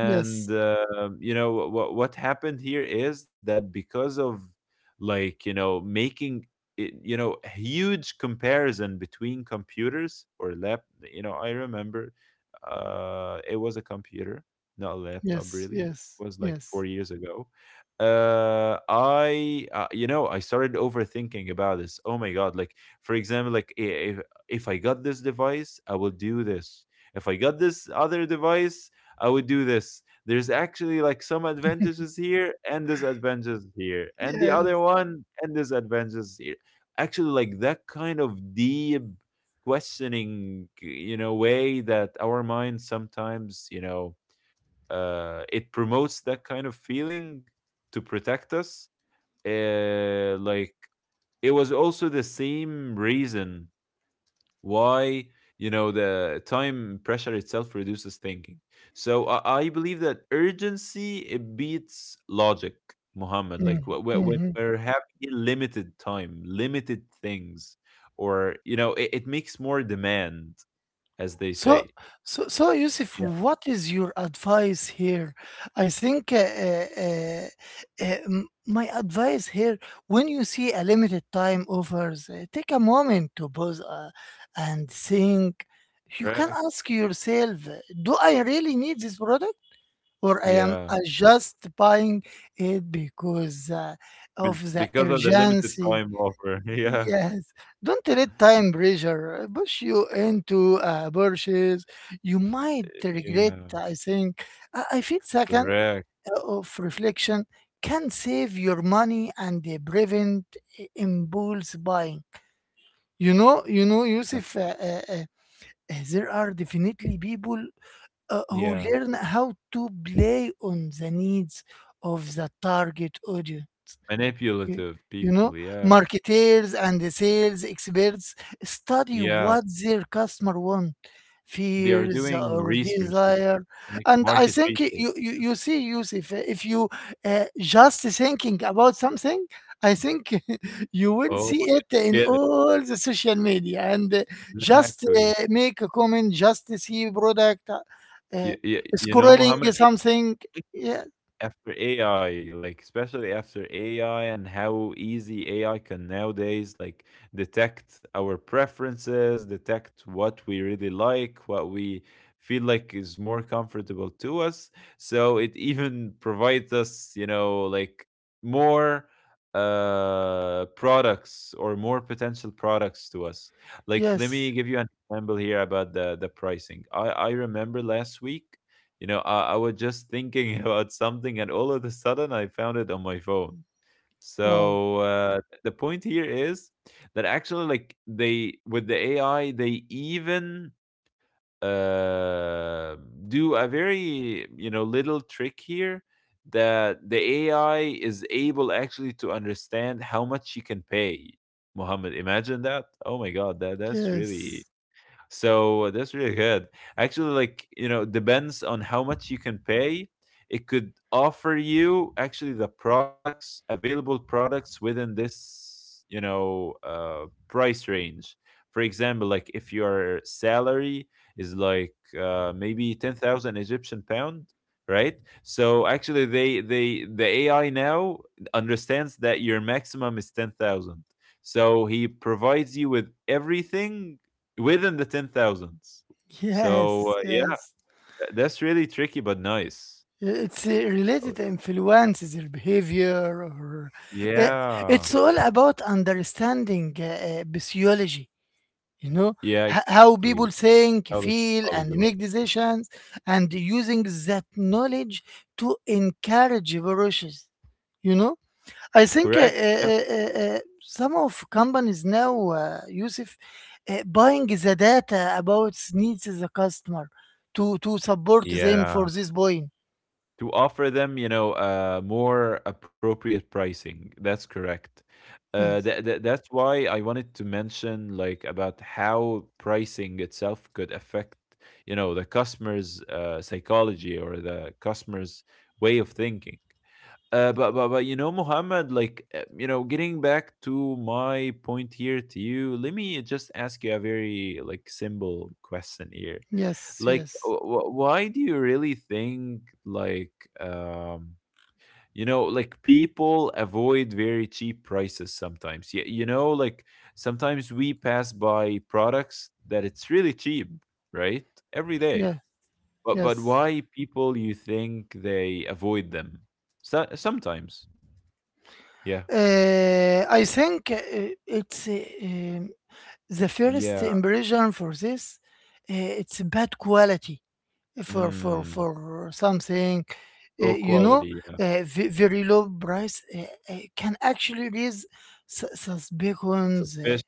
[SPEAKER 1] yes,
[SPEAKER 2] you know what happened here is that because of, like, you know, making it, you know, huge comparison between computers or lap, you know, I remember, it was a computer, not a laptop
[SPEAKER 1] yes,
[SPEAKER 2] really,
[SPEAKER 1] yes,
[SPEAKER 2] it was like
[SPEAKER 1] yes.
[SPEAKER 2] 4 years ago. I You know, I started overthinking about this. Oh my god, like, for example, like if I got this device, I will do this. If I got this other device, I would do this. There's actually like some advantages here and disadvantages here, and the other
[SPEAKER 1] Yes.
[SPEAKER 2] one and disadvantages here. Actually, like that kind of deep questioning, you know, way that our mind sometimes, you know, it promotes that kind of feeling to protect us. Like it was also the same reason why, you know, the time pressure itself reduces thinking. So I believe that urgency, it beats logic, Muhammad. Like wh-
[SPEAKER 1] Mhm,
[SPEAKER 2] wh- when
[SPEAKER 1] mhm.
[SPEAKER 2] we're having limited time, limited things, or you know, it makes more demand, as they
[SPEAKER 1] So,
[SPEAKER 2] say.
[SPEAKER 1] so, Yusuf,
[SPEAKER 2] Yeah.
[SPEAKER 1] what is your advice here? I think my advice here, when you see a limited time offers, take a moment to pause and think. You can
[SPEAKER 2] Correct.
[SPEAKER 1] ask yourself, do I really need this product, or I am
[SPEAKER 2] Yeah.
[SPEAKER 1] just buying it because
[SPEAKER 2] Be-
[SPEAKER 1] of the
[SPEAKER 2] because of the limited
[SPEAKER 1] urgency?
[SPEAKER 2] time offer, yeah.
[SPEAKER 1] Yes, don't let time pressure push you into a purchase you might regret.
[SPEAKER 2] Yeah.
[SPEAKER 1] I I think second
[SPEAKER 2] Correct.
[SPEAKER 1] of reflection can save your money and prevent impulse buying. You know, Yusuf. There are definitely people who
[SPEAKER 2] Yeah.
[SPEAKER 1] learn how to play on the needs of the target audience. Y-
[SPEAKER 2] Manipulative
[SPEAKER 1] You know,
[SPEAKER 2] people, yeah.
[SPEAKER 1] marketeers and the sales experts study
[SPEAKER 2] Yeah.
[SPEAKER 1] what their customer want,
[SPEAKER 2] They are
[SPEAKER 1] fears
[SPEAKER 2] doing
[SPEAKER 1] or
[SPEAKER 2] researches,
[SPEAKER 1] desire.
[SPEAKER 2] like
[SPEAKER 1] And I
[SPEAKER 2] market
[SPEAKER 1] think
[SPEAKER 2] research.
[SPEAKER 1] you see, Yusuf, if you just thinking about something, I think you will
[SPEAKER 2] Oh,
[SPEAKER 1] see it
[SPEAKER 2] you
[SPEAKER 1] in
[SPEAKER 2] get it.
[SPEAKER 1] all the social media and just
[SPEAKER 2] Exactly.
[SPEAKER 1] make a comment, just see product, uh,
[SPEAKER 2] You know,
[SPEAKER 1] scrolling
[SPEAKER 2] Mohammed, I
[SPEAKER 1] something. Yeah,
[SPEAKER 2] after AI, like especially after AI and how easy AI can nowadays like detect our preferences, detect what we really like, what we feel like is more comfortable to us. So it even provides us, you know, like more products or more potential products to us. Like let me
[SPEAKER 1] yes.
[SPEAKER 2] give you an example here about the pricing. I remember last week, you know, I was just thinking about something, and all of a sudden, I found it on my phone.
[SPEAKER 1] Wow.
[SPEAKER 2] So the point here is that actually, like they, with the AI, they even uh, do a very, you know, little trick here, that the AI is able actually to understand how much she can pay. Muhammad, imagine that. Oh my God, that's really,
[SPEAKER 1] Yes.
[SPEAKER 2] so that's really good. Actually, like, you know, depends on how much you can pay. It could offer you actually the products, available products within this, you know, price range. For example, like if your salary is like maybe 10,000 Egyptian pound, right? So actually they the AI now understands that your maximum is 10,000. So he provides you with everything within the 10,000s. So,
[SPEAKER 1] Yes,
[SPEAKER 2] yeah,
[SPEAKER 1] yes.
[SPEAKER 2] that's really tricky but nice.
[SPEAKER 1] It's related
[SPEAKER 2] Oh.
[SPEAKER 1] influences their behavior or uh,
[SPEAKER 2] Yeah.
[SPEAKER 1] it's all about understanding physiology, you know,
[SPEAKER 2] Yeah,
[SPEAKER 1] how
[SPEAKER 2] exactly.
[SPEAKER 1] people think,
[SPEAKER 2] How does
[SPEAKER 1] feel and
[SPEAKER 2] technology work?
[SPEAKER 1] make decisions and using that knowledge to encourage brushes, you know? I think
[SPEAKER 2] Correct. Yeah.
[SPEAKER 1] some of companies now, Yusuf, buying the data about needs the customer to support them for
[SPEAKER 2] Yeah.
[SPEAKER 1] this point.
[SPEAKER 2] To offer them, you know, more appropriate pricing. That's correct.
[SPEAKER 1] Yes,
[SPEAKER 2] That's why I wanted to mention like about how pricing itself could affect, you know, the customer's psychology or the customer's way of thinking. But you know, Muhammad, like you know, getting back to my point here to you, let me just ask you a very, like, simple question here.
[SPEAKER 1] yes,
[SPEAKER 2] Like,
[SPEAKER 1] yes,
[SPEAKER 2] why do you really think like um you know like people avoid very cheap prices sometimes? Yeah, you know, like sometimes we pass by products that it's really cheap, right? Every day.
[SPEAKER 1] yeah,
[SPEAKER 2] But
[SPEAKER 1] yes.
[SPEAKER 2] why people, you think, they avoid them? So, sometimes. Yeah.
[SPEAKER 1] I think it's the first
[SPEAKER 2] Yeah.
[SPEAKER 1] impression for this. It's bad quality
[SPEAKER 2] Mm.
[SPEAKER 1] for something.
[SPEAKER 2] Low
[SPEAKER 1] You know,
[SPEAKER 2] quality, yeah.
[SPEAKER 1] very low price can actually raise suspicions.
[SPEAKER 2] Suspicious.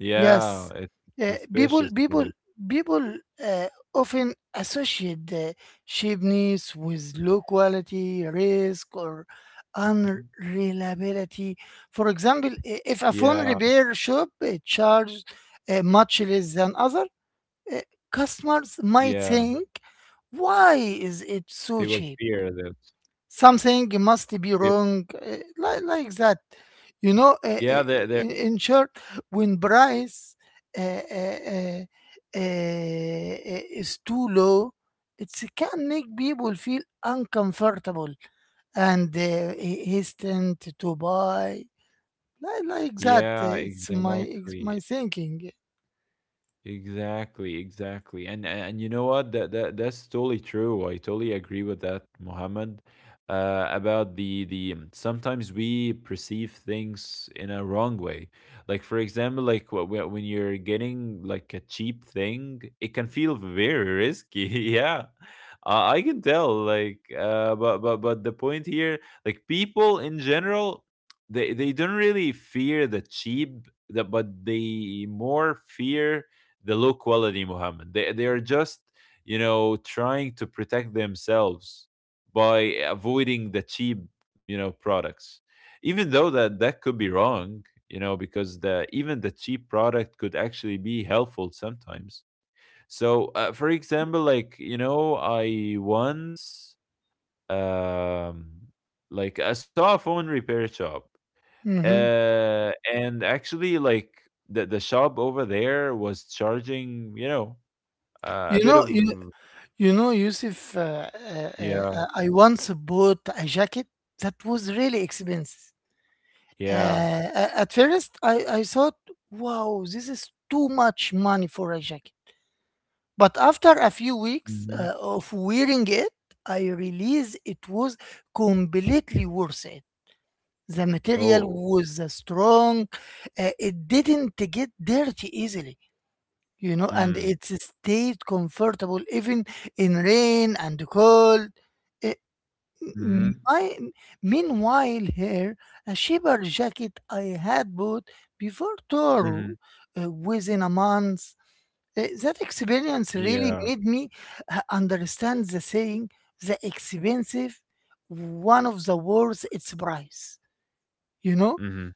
[SPEAKER 2] Yeah,
[SPEAKER 1] Yes,
[SPEAKER 2] it's
[SPEAKER 1] uh, people
[SPEAKER 2] suspicious
[SPEAKER 1] people
[SPEAKER 2] news.
[SPEAKER 1] people uh, often associate cheapness with low quality risk or
[SPEAKER 2] Mhm.
[SPEAKER 1] unreliability. For example, I- if a
[SPEAKER 2] Yeah,
[SPEAKER 1] phone repair shop charges much less than others, uh, customers might
[SPEAKER 2] yeah.
[SPEAKER 1] think, why is it
[SPEAKER 2] They
[SPEAKER 1] so
[SPEAKER 2] will
[SPEAKER 1] cheap?
[SPEAKER 2] fear that.
[SPEAKER 1] Something must be
[SPEAKER 2] Ye.
[SPEAKER 1] wrong, like that. You know, uh,
[SPEAKER 2] Yeah,
[SPEAKER 1] uh,
[SPEAKER 2] they're
[SPEAKER 1] in short, when price uh, uh, uh, is too low, it can make people feel uncomfortable and he's to buy, like that.
[SPEAKER 2] yeah,
[SPEAKER 1] It's
[SPEAKER 2] exactly.
[SPEAKER 1] my thinking.
[SPEAKER 2] Exactly, exactly. And you know what? That's totally true. I totally agree with that, Mohammed. About the sometimes we perceive things in a wrong way. Like for example, like when you're getting like a cheap thing, it can feel very risky. Yeah. I can tell like but the point here, like people in general, they don't really fear the cheap, the, but they more fear the low quality, Muhammad. They are just, you know, trying to protect themselves by avoiding the cheap, you know, products, even though that that could be wrong. You know, because the even the cheap product could actually be helpful sometimes. So for example, like you know, I once um like I saw a phone repair shop.
[SPEAKER 1] Mhm.
[SPEAKER 2] Uh, and actually like the shop over there was charging, you know, a
[SPEAKER 1] You
[SPEAKER 2] bit
[SPEAKER 1] know,
[SPEAKER 2] of
[SPEAKER 1] You know, Yusuf,
[SPEAKER 2] yeah,
[SPEAKER 1] I once bought a jacket that was really expensive.
[SPEAKER 2] yeah.
[SPEAKER 1] At first, I thought, wow, this is too much money for a jacket. But after a few weeks
[SPEAKER 2] Mhm.
[SPEAKER 1] of wearing it, I realized it was completely worth it. The material
[SPEAKER 2] Oh.
[SPEAKER 1] was strong, it didn't get dirty easily, you know, and
[SPEAKER 2] Mm.
[SPEAKER 1] it stayed comfortable even in rain and cold. I-
[SPEAKER 2] Mhm.
[SPEAKER 1] My, Meanwhile, here, a cheaper jacket I had bought before Toro
[SPEAKER 2] Mhm.
[SPEAKER 1] within a month. That experience really
[SPEAKER 2] Yeah.
[SPEAKER 1] made me understand the saying, the expensive, one of the worst its price. You know,
[SPEAKER 2] Mhm.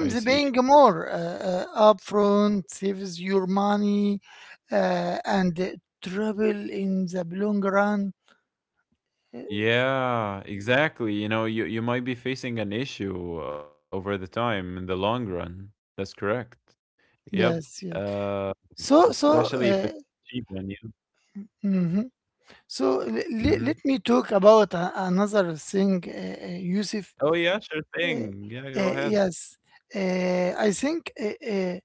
[SPEAKER 2] I
[SPEAKER 1] paying
[SPEAKER 2] see.
[SPEAKER 1] more upfront saves your money and trouble in the long run. Uh,
[SPEAKER 2] Yeah, exactly. You know, you might be facing an issue over the time in the long run. That's correct. Yep.
[SPEAKER 1] Yes, yes.
[SPEAKER 2] Uh,
[SPEAKER 1] So, so
[SPEAKER 2] especially if it's
[SPEAKER 1] uh,
[SPEAKER 2] cheap on you.
[SPEAKER 1] hmm let
[SPEAKER 2] Mhm.
[SPEAKER 1] me talk about another thing, Yusuf.
[SPEAKER 2] Oh yeah, sure
[SPEAKER 1] Uh,
[SPEAKER 2] thing. Yeah, go ahead.
[SPEAKER 1] yes, I think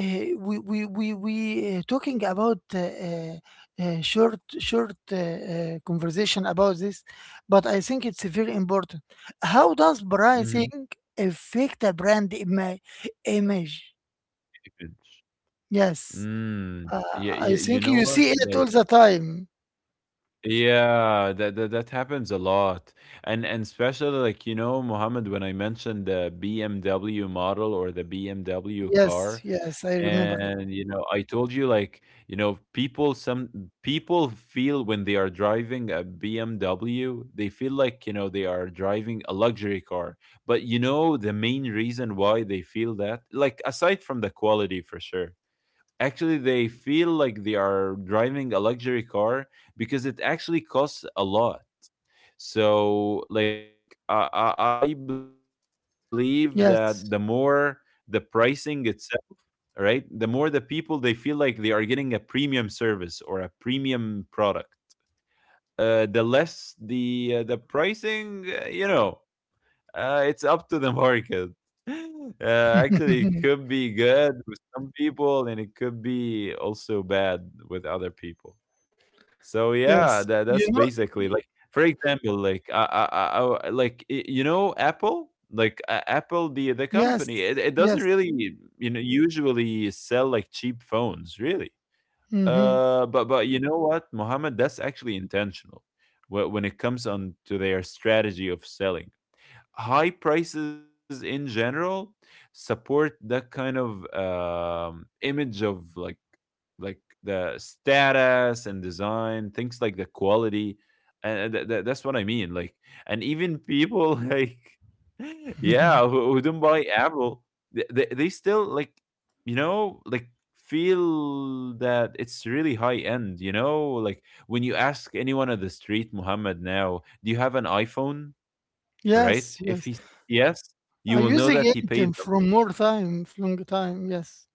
[SPEAKER 1] uh, we talking about short conversation about this, but I think it's very important. How does pricing
[SPEAKER 2] Mhm.
[SPEAKER 1] affect a brand image? Yes,
[SPEAKER 2] Mm.
[SPEAKER 1] uh,
[SPEAKER 2] Yeah,
[SPEAKER 1] I
[SPEAKER 2] yeah. You
[SPEAKER 1] think
[SPEAKER 2] know
[SPEAKER 1] you
[SPEAKER 2] what?
[SPEAKER 1] see it
[SPEAKER 2] Like,
[SPEAKER 1] all the time.
[SPEAKER 2] yeah, that that happens a lot. And especially like, you know, Mohammed, when I mentioned the BMW model or the BMW
[SPEAKER 1] Yes,
[SPEAKER 2] car,
[SPEAKER 1] yes, I remember it.
[SPEAKER 2] and you know, I told you like, you know, people, some people feel when they are driving a BMW, they feel like, you know, they are driving a luxury car. But you know, the main reason why they feel that, like aside from the quality, for sure actually they feel like they are driving a luxury car because it actually costs a lot. So like I I believe that the more the
[SPEAKER 1] Yes.
[SPEAKER 2] pricing itself, right, the more the people they feel like they are getting a premium service or a premium product, the less the pricing, you know, it's up to the market. Actually, it could be good with some people, and it could be also bad with other people. So
[SPEAKER 1] Yes.
[SPEAKER 2] yeah, that
[SPEAKER 1] You
[SPEAKER 2] that's
[SPEAKER 1] know, y-
[SPEAKER 2] basically like, for example, like like you know Apple, like Apple the company,
[SPEAKER 1] yes,
[SPEAKER 2] it
[SPEAKER 1] yes.
[SPEAKER 2] doesn't really, you know, usually sell like cheap phones, really.
[SPEAKER 1] Hmm.
[SPEAKER 2] But you know what, Mohammed, that's actually intentional. When it comes on to their strategy of selling, high prices in general support that kind of image of like the status and design things, like the quality. And that's what I mean. Like, and even people like, yeah, who, don't buy Apple. They still like, you know like, feel that it's really high end. You know, like when you ask anyone on the street, Muhammad, now, do you have an iPhone? Right?
[SPEAKER 1] Yes,
[SPEAKER 2] If
[SPEAKER 1] yes.
[SPEAKER 2] he s- yes, you
[SPEAKER 1] I
[SPEAKER 2] will know
[SPEAKER 1] use
[SPEAKER 2] that
[SPEAKER 1] again
[SPEAKER 2] he paid
[SPEAKER 1] them
[SPEAKER 2] them.
[SPEAKER 1] from more time, from long time. Yes.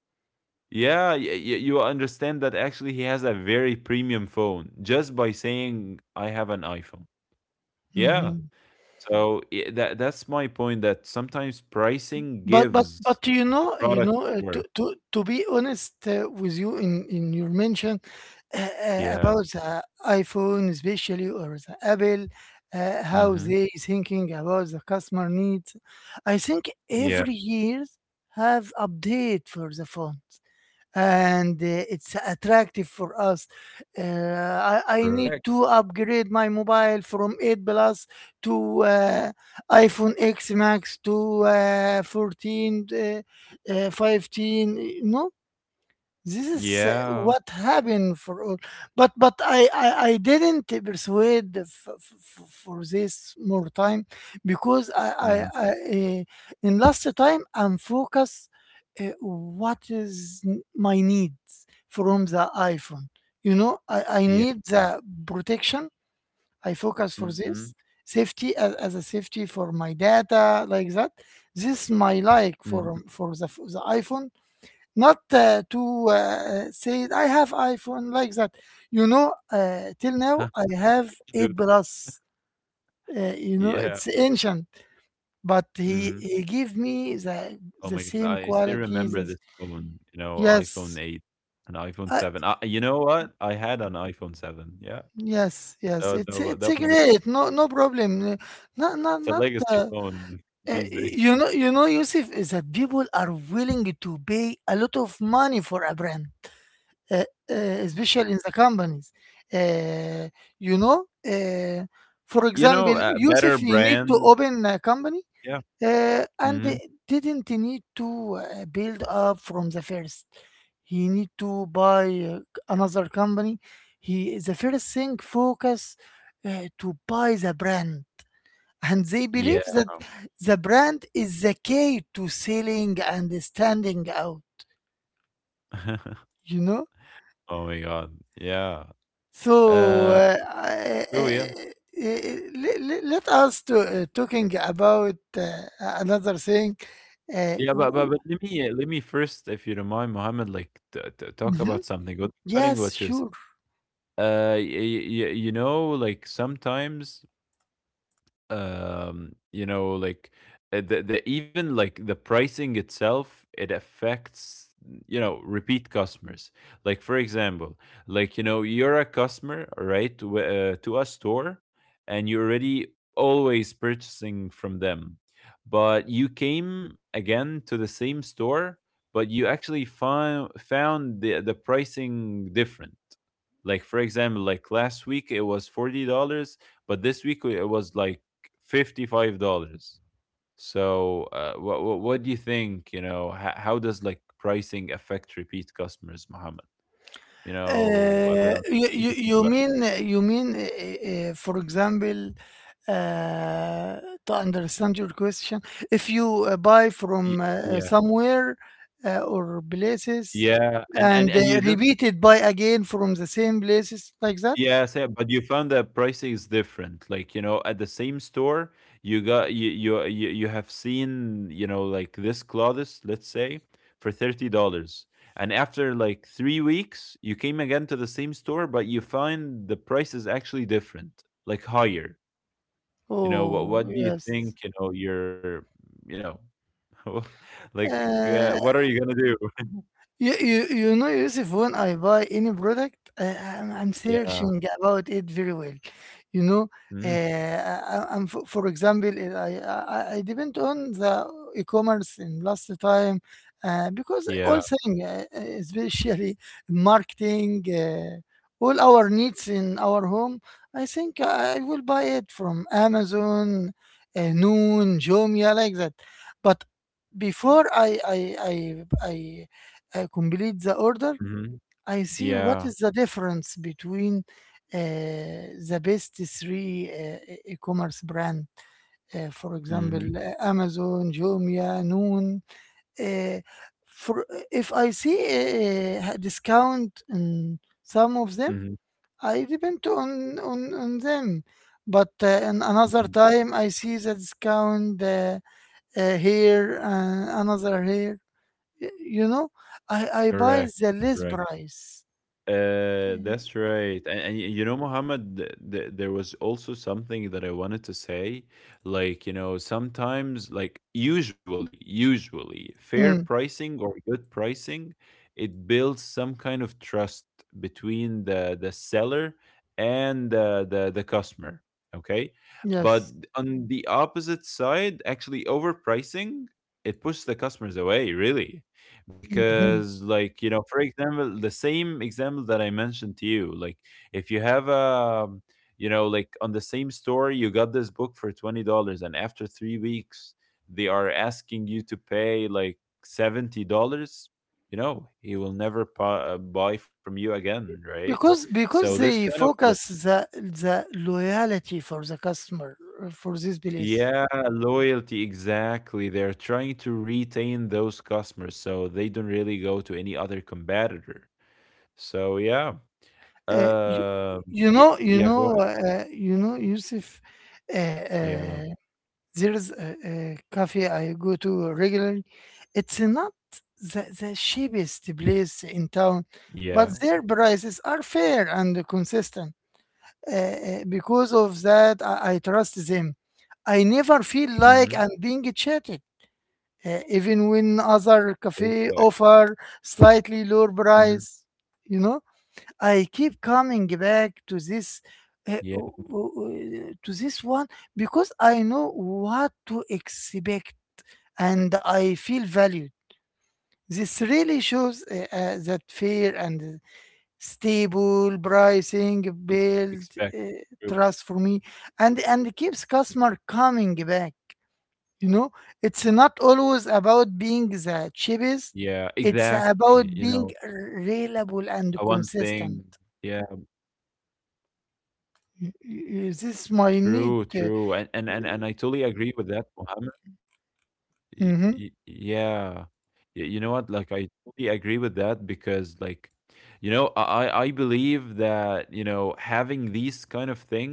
[SPEAKER 2] Yeah, you will understand that actually he has a very premium phone just by saying I have an iPhone. Yeah.
[SPEAKER 1] Mm-hmm.
[SPEAKER 2] So that that's my point, that sometimes pricing
[SPEAKER 1] But but
[SPEAKER 2] gives
[SPEAKER 1] but you
[SPEAKER 2] the
[SPEAKER 1] know,
[SPEAKER 2] product worth.
[SPEAKER 1] to be honest with you in your mention
[SPEAKER 2] Yeah.
[SPEAKER 1] about the iPhone especially or the Apple, how
[SPEAKER 2] Mm-hmm.
[SPEAKER 1] they thinking about the customer needs. I think
[SPEAKER 2] Yeah.
[SPEAKER 1] every year have update for the phones and it's attractive for us. Uh, I need
[SPEAKER 2] Correct.
[SPEAKER 1] to upgrade my mobile from 8 Plus to iPhone X Max to 14, 15. No, this is
[SPEAKER 2] Yeah.
[SPEAKER 1] what happened for all. But I didn't persuade for this more time because
[SPEAKER 2] Mm-hmm.
[SPEAKER 1] I in last time I'm focused what is my needs from the iPhone. You know I
[SPEAKER 2] Yeah.
[SPEAKER 1] need the protection. I focus for
[SPEAKER 2] Mm-hmm.
[SPEAKER 1] this safety as a safety for my data like that. This my like
[SPEAKER 2] Mm-hmm.
[SPEAKER 1] for the iPhone, not to say I have iPhone like that. You know, till now I have eight plus. You know,
[SPEAKER 2] Yeah.
[SPEAKER 1] it's ancient, but
[SPEAKER 2] Mm-hmm.
[SPEAKER 1] he gave me
[SPEAKER 2] Oh
[SPEAKER 1] the
[SPEAKER 2] my god,
[SPEAKER 1] same
[SPEAKER 2] I still
[SPEAKER 1] qualities.
[SPEAKER 2] remember
[SPEAKER 1] As,
[SPEAKER 2] this phone, you know, iPhone
[SPEAKER 1] yes,
[SPEAKER 2] 8 and iPhone
[SPEAKER 1] I,
[SPEAKER 2] 7. You know what? I had an iPhone 7, yeah.
[SPEAKER 1] yes, yes. It's a
[SPEAKER 2] That was
[SPEAKER 1] great. No no problem. Not not
[SPEAKER 2] it's a
[SPEAKER 1] not.
[SPEAKER 2] legacy phone. These days.
[SPEAKER 1] You know, you know, Yusuf, is that people are willing to pay a lot of money for a brand, uh, uh,
[SPEAKER 2] Mhm.
[SPEAKER 1] especially in the companies. Uh, you know, for
[SPEAKER 2] You know,
[SPEAKER 1] example,
[SPEAKER 2] better
[SPEAKER 1] Yusuf, you need to
[SPEAKER 2] brand,
[SPEAKER 1] open a company
[SPEAKER 2] yeah.
[SPEAKER 1] and
[SPEAKER 2] Hmm.
[SPEAKER 1] they didn't need to build up from the first. He need to buy another company. He the first thing focus to buy the brand, and they
[SPEAKER 2] Yeah.
[SPEAKER 1] believe that the brand is the key to selling and standing out. You know?
[SPEAKER 2] Oh my god. Yeah.
[SPEAKER 1] So
[SPEAKER 2] Uh, true, yeah.
[SPEAKER 1] let us to, talking about another thing. Uh,
[SPEAKER 2] Yeah, but, but
[SPEAKER 1] w-
[SPEAKER 2] but let me first, if you don't mind, Mohammed, like t t talk
[SPEAKER 1] mhm.
[SPEAKER 2] about something. What- Cutting
[SPEAKER 1] Yes,
[SPEAKER 2] what you're s-
[SPEAKER 1] sure.
[SPEAKER 2] you know, like sometimes you know like the even like the pricing itself, it affects, you know, repeat customers. Like for example, like you know, you're a customer, right, to a store, and you're already always purchasing from them, but you came again to the same store, but you actually found the pricing different. Like for example, like last week it was $40, but this week it was like $55. So what, what do you think, you know, how does like pricing affect repeat customers, Mohammed? You know about, what do
[SPEAKER 1] You
[SPEAKER 2] you think
[SPEAKER 1] you
[SPEAKER 2] about?
[SPEAKER 1] mean, you mean for example, uh, to understand your question, if you buy from
[SPEAKER 2] Yeah.
[SPEAKER 1] somewhere or places
[SPEAKER 2] Yeah, and and
[SPEAKER 1] and
[SPEAKER 2] and you just,
[SPEAKER 1] repeat it by again from the same places like that.
[SPEAKER 2] yes, yeah, but you found that pricing is different. Like, you know, at the same store, you got you you you, you have seen, you know, like this Claudius, let's say, for $30. And after like 3 weeks, you came again to the same store, but you find the price is actually different, like higher. You know,
[SPEAKER 1] Oh
[SPEAKER 2] what do you
[SPEAKER 1] yes.
[SPEAKER 2] think, you know, you're, you know, like
[SPEAKER 1] Uh,
[SPEAKER 2] what are you going to do?
[SPEAKER 1] you know, Yusuf, when I buy any product, I'm searching
[SPEAKER 2] Yeah.
[SPEAKER 1] about it very well. You know,
[SPEAKER 2] Mhm.
[SPEAKER 1] I'm for example, I depend on the e-commerce in last time because all
[SPEAKER 2] Yeah.
[SPEAKER 1] thing, especially marketing, all our needs in our home, I think I will buy it from Amazon, Noon, Jumia, like that. But before I complete the order,
[SPEAKER 2] Mhm.
[SPEAKER 1] I see what
[SPEAKER 2] Yeah.
[SPEAKER 1] is the difference between the best three e-commerce brand, for example,
[SPEAKER 2] Mhm.
[SPEAKER 1] Amazon, Jumia, Noon. Uh, for if I see a discount in some of them,
[SPEAKER 2] Mhm.
[SPEAKER 1] I depend on on them. But in another
[SPEAKER 2] Mhm.
[SPEAKER 1] time, I see the discount here, another here. Y- You know, I I buy
[SPEAKER 2] Correct,
[SPEAKER 1] the less
[SPEAKER 2] correct.
[SPEAKER 1] price.
[SPEAKER 2] That's right. And you know, Mohammed, there was also something that I wanted to say. Like, you know, sometimes, like, usually, fair
[SPEAKER 1] Mm,
[SPEAKER 2] pricing or good pricing, it builds some kind of trust between the seller and the customer. Okay, but
[SPEAKER 1] yes.
[SPEAKER 2] on the opposite side, actually, overpricing, it pushes the customers away. Really,
[SPEAKER 1] Mhm.
[SPEAKER 2] because like you know, for example, the same example that I mentioned to you, like if you have a, you know, like on the same store, you got this book for $20, and after 3 weeks, they are asking you to pay like $70. You know, he will never buy from you again, right? So
[SPEAKER 1] Because
[SPEAKER 2] this kind
[SPEAKER 1] they
[SPEAKER 2] of like,
[SPEAKER 1] focus the loyalty for the customer for this place.
[SPEAKER 2] yeah, loyalty, exactly, they're trying to retain those customers so they don't really go to any other competitor. So yeah.
[SPEAKER 1] Uh, you,
[SPEAKER 2] Um,
[SPEAKER 1] you
[SPEAKER 2] yeah,
[SPEAKER 1] know you
[SPEAKER 2] yeah, go
[SPEAKER 1] know
[SPEAKER 2] ahead.
[SPEAKER 1] uh, you know, Yusuf, Uh,
[SPEAKER 2] Yeah,
[SPEAKER 1] uh, there's a cafe I go to regularly. It's not the
[SPEAKER 2] yeah.
[SPEAKER 1] the cheapest place in town, but their prices are fair and consistent. Because of that, I
[SPEAKER 2] Mhm.
[SPEAKER 1] trust them. I never feel like I'm being cheated,
[SPEAKER 2] Perfect.
[SPEAKER 1] even when other cafe
[SPEAKER 2] Mhm.
[SPEAKER 1] offer slightly lower price. You know, I keep coming
[SPEAKER 2] Yeah.
[SPEAKER 1] back to this. To this one because I know what to expect and I
[SPEAKER 2] E,
[SPEAKER 1] feel valued.
[SPEAKER 2] expect.
[SPEAKER 1] This
[SPEAKER 2] Mhm.
[SPEAKER 1] really shows
[SPEAKER 2] Yeah.
[SPEAKER 1] that fair
[SPEAKER 2] True.
[SPEAKER 1] and stable pricing build
[SPEAKER 2] Mhm.
[SPEAKER 1] trust for me and keeps customer coming back, you know. It's not
[SPEAKER 2] Yeah,
[SPEAKER 1] always about
[SPEAKER 2] exactly,
[SPEAKER 1] being
[SPEAKER 2] you know,
[SPEAKER 1] the cheapest, it's
[SPEAKER 2] one
[SPEAKER 1] about
[SPEAKER 2] thing.
[SPEAKER 1] being
[SPEAKER 2] Yeah,
[SPEAKER 1] reliable and consistent.
[SPEAKER 2] true, true, and and and
[SPEAKER 1] This
[SPEAKER 2] and I
[SPEAKER 1] is my
[SPEAKER 2] totally agree
[SPEAKER 1] need
[SPEAKER 2] with that, Mohammed. Y y Yeah. Y You know what? Like, I totally agree with that because, like, you know, I believe that you know, having these kind of things,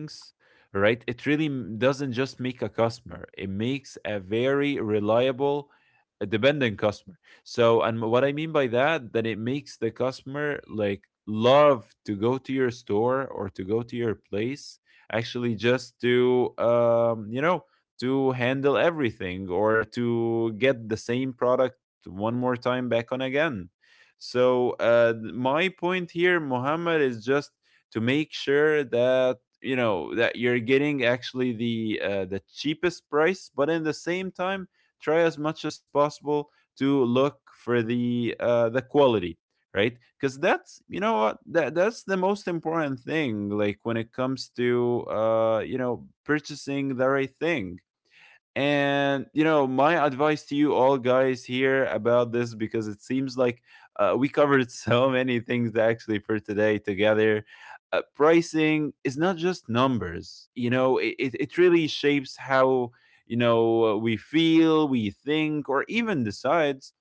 [SPEAKER 2] right? It really doesn't just make a customer; it makes a very reliable, dependent customer. So, and what I mean by that, that it makes the customer like love to go to your store or to go to your place, actually just to you know, to handle everything or to get the same product one more time back on again. So my point here, Muhammad, is just to make sure that you know that you're getting actually the cheapest price, but in the same time, try as much as possible to look for the quality, right? Because that's, you know what, that's the most important thing. Like when it comes to you know, purchasing the right thing. And you know, my advice to you all guys here about this, because it seems like we covered so many things actually for today together. Pricing is not just numbers. You know, it really shapes how, you know, we feel, we think, or even decides.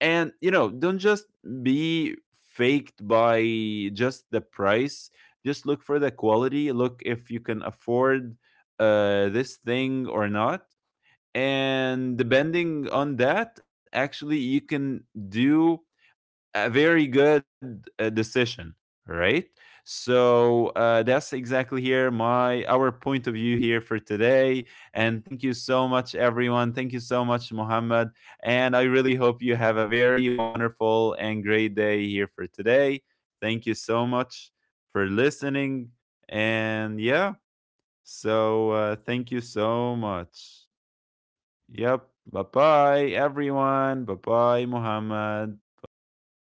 [SPEAKER 2] And you know, don't just be faked by just the price. Just look for the quality. Look if you can afford this thing or not, and depending on that actually you can do a very good decision, right? So that's exactly here my our point of view here for today, and thank you so much everyone, thank you so much Mohammed, and I really hope you have a very wonderful and great day here for today. Thank you so much for listening, and yeah, so thank you so much. Yep. Bye bye, everyone. Bye bye, Muhammad. Bye.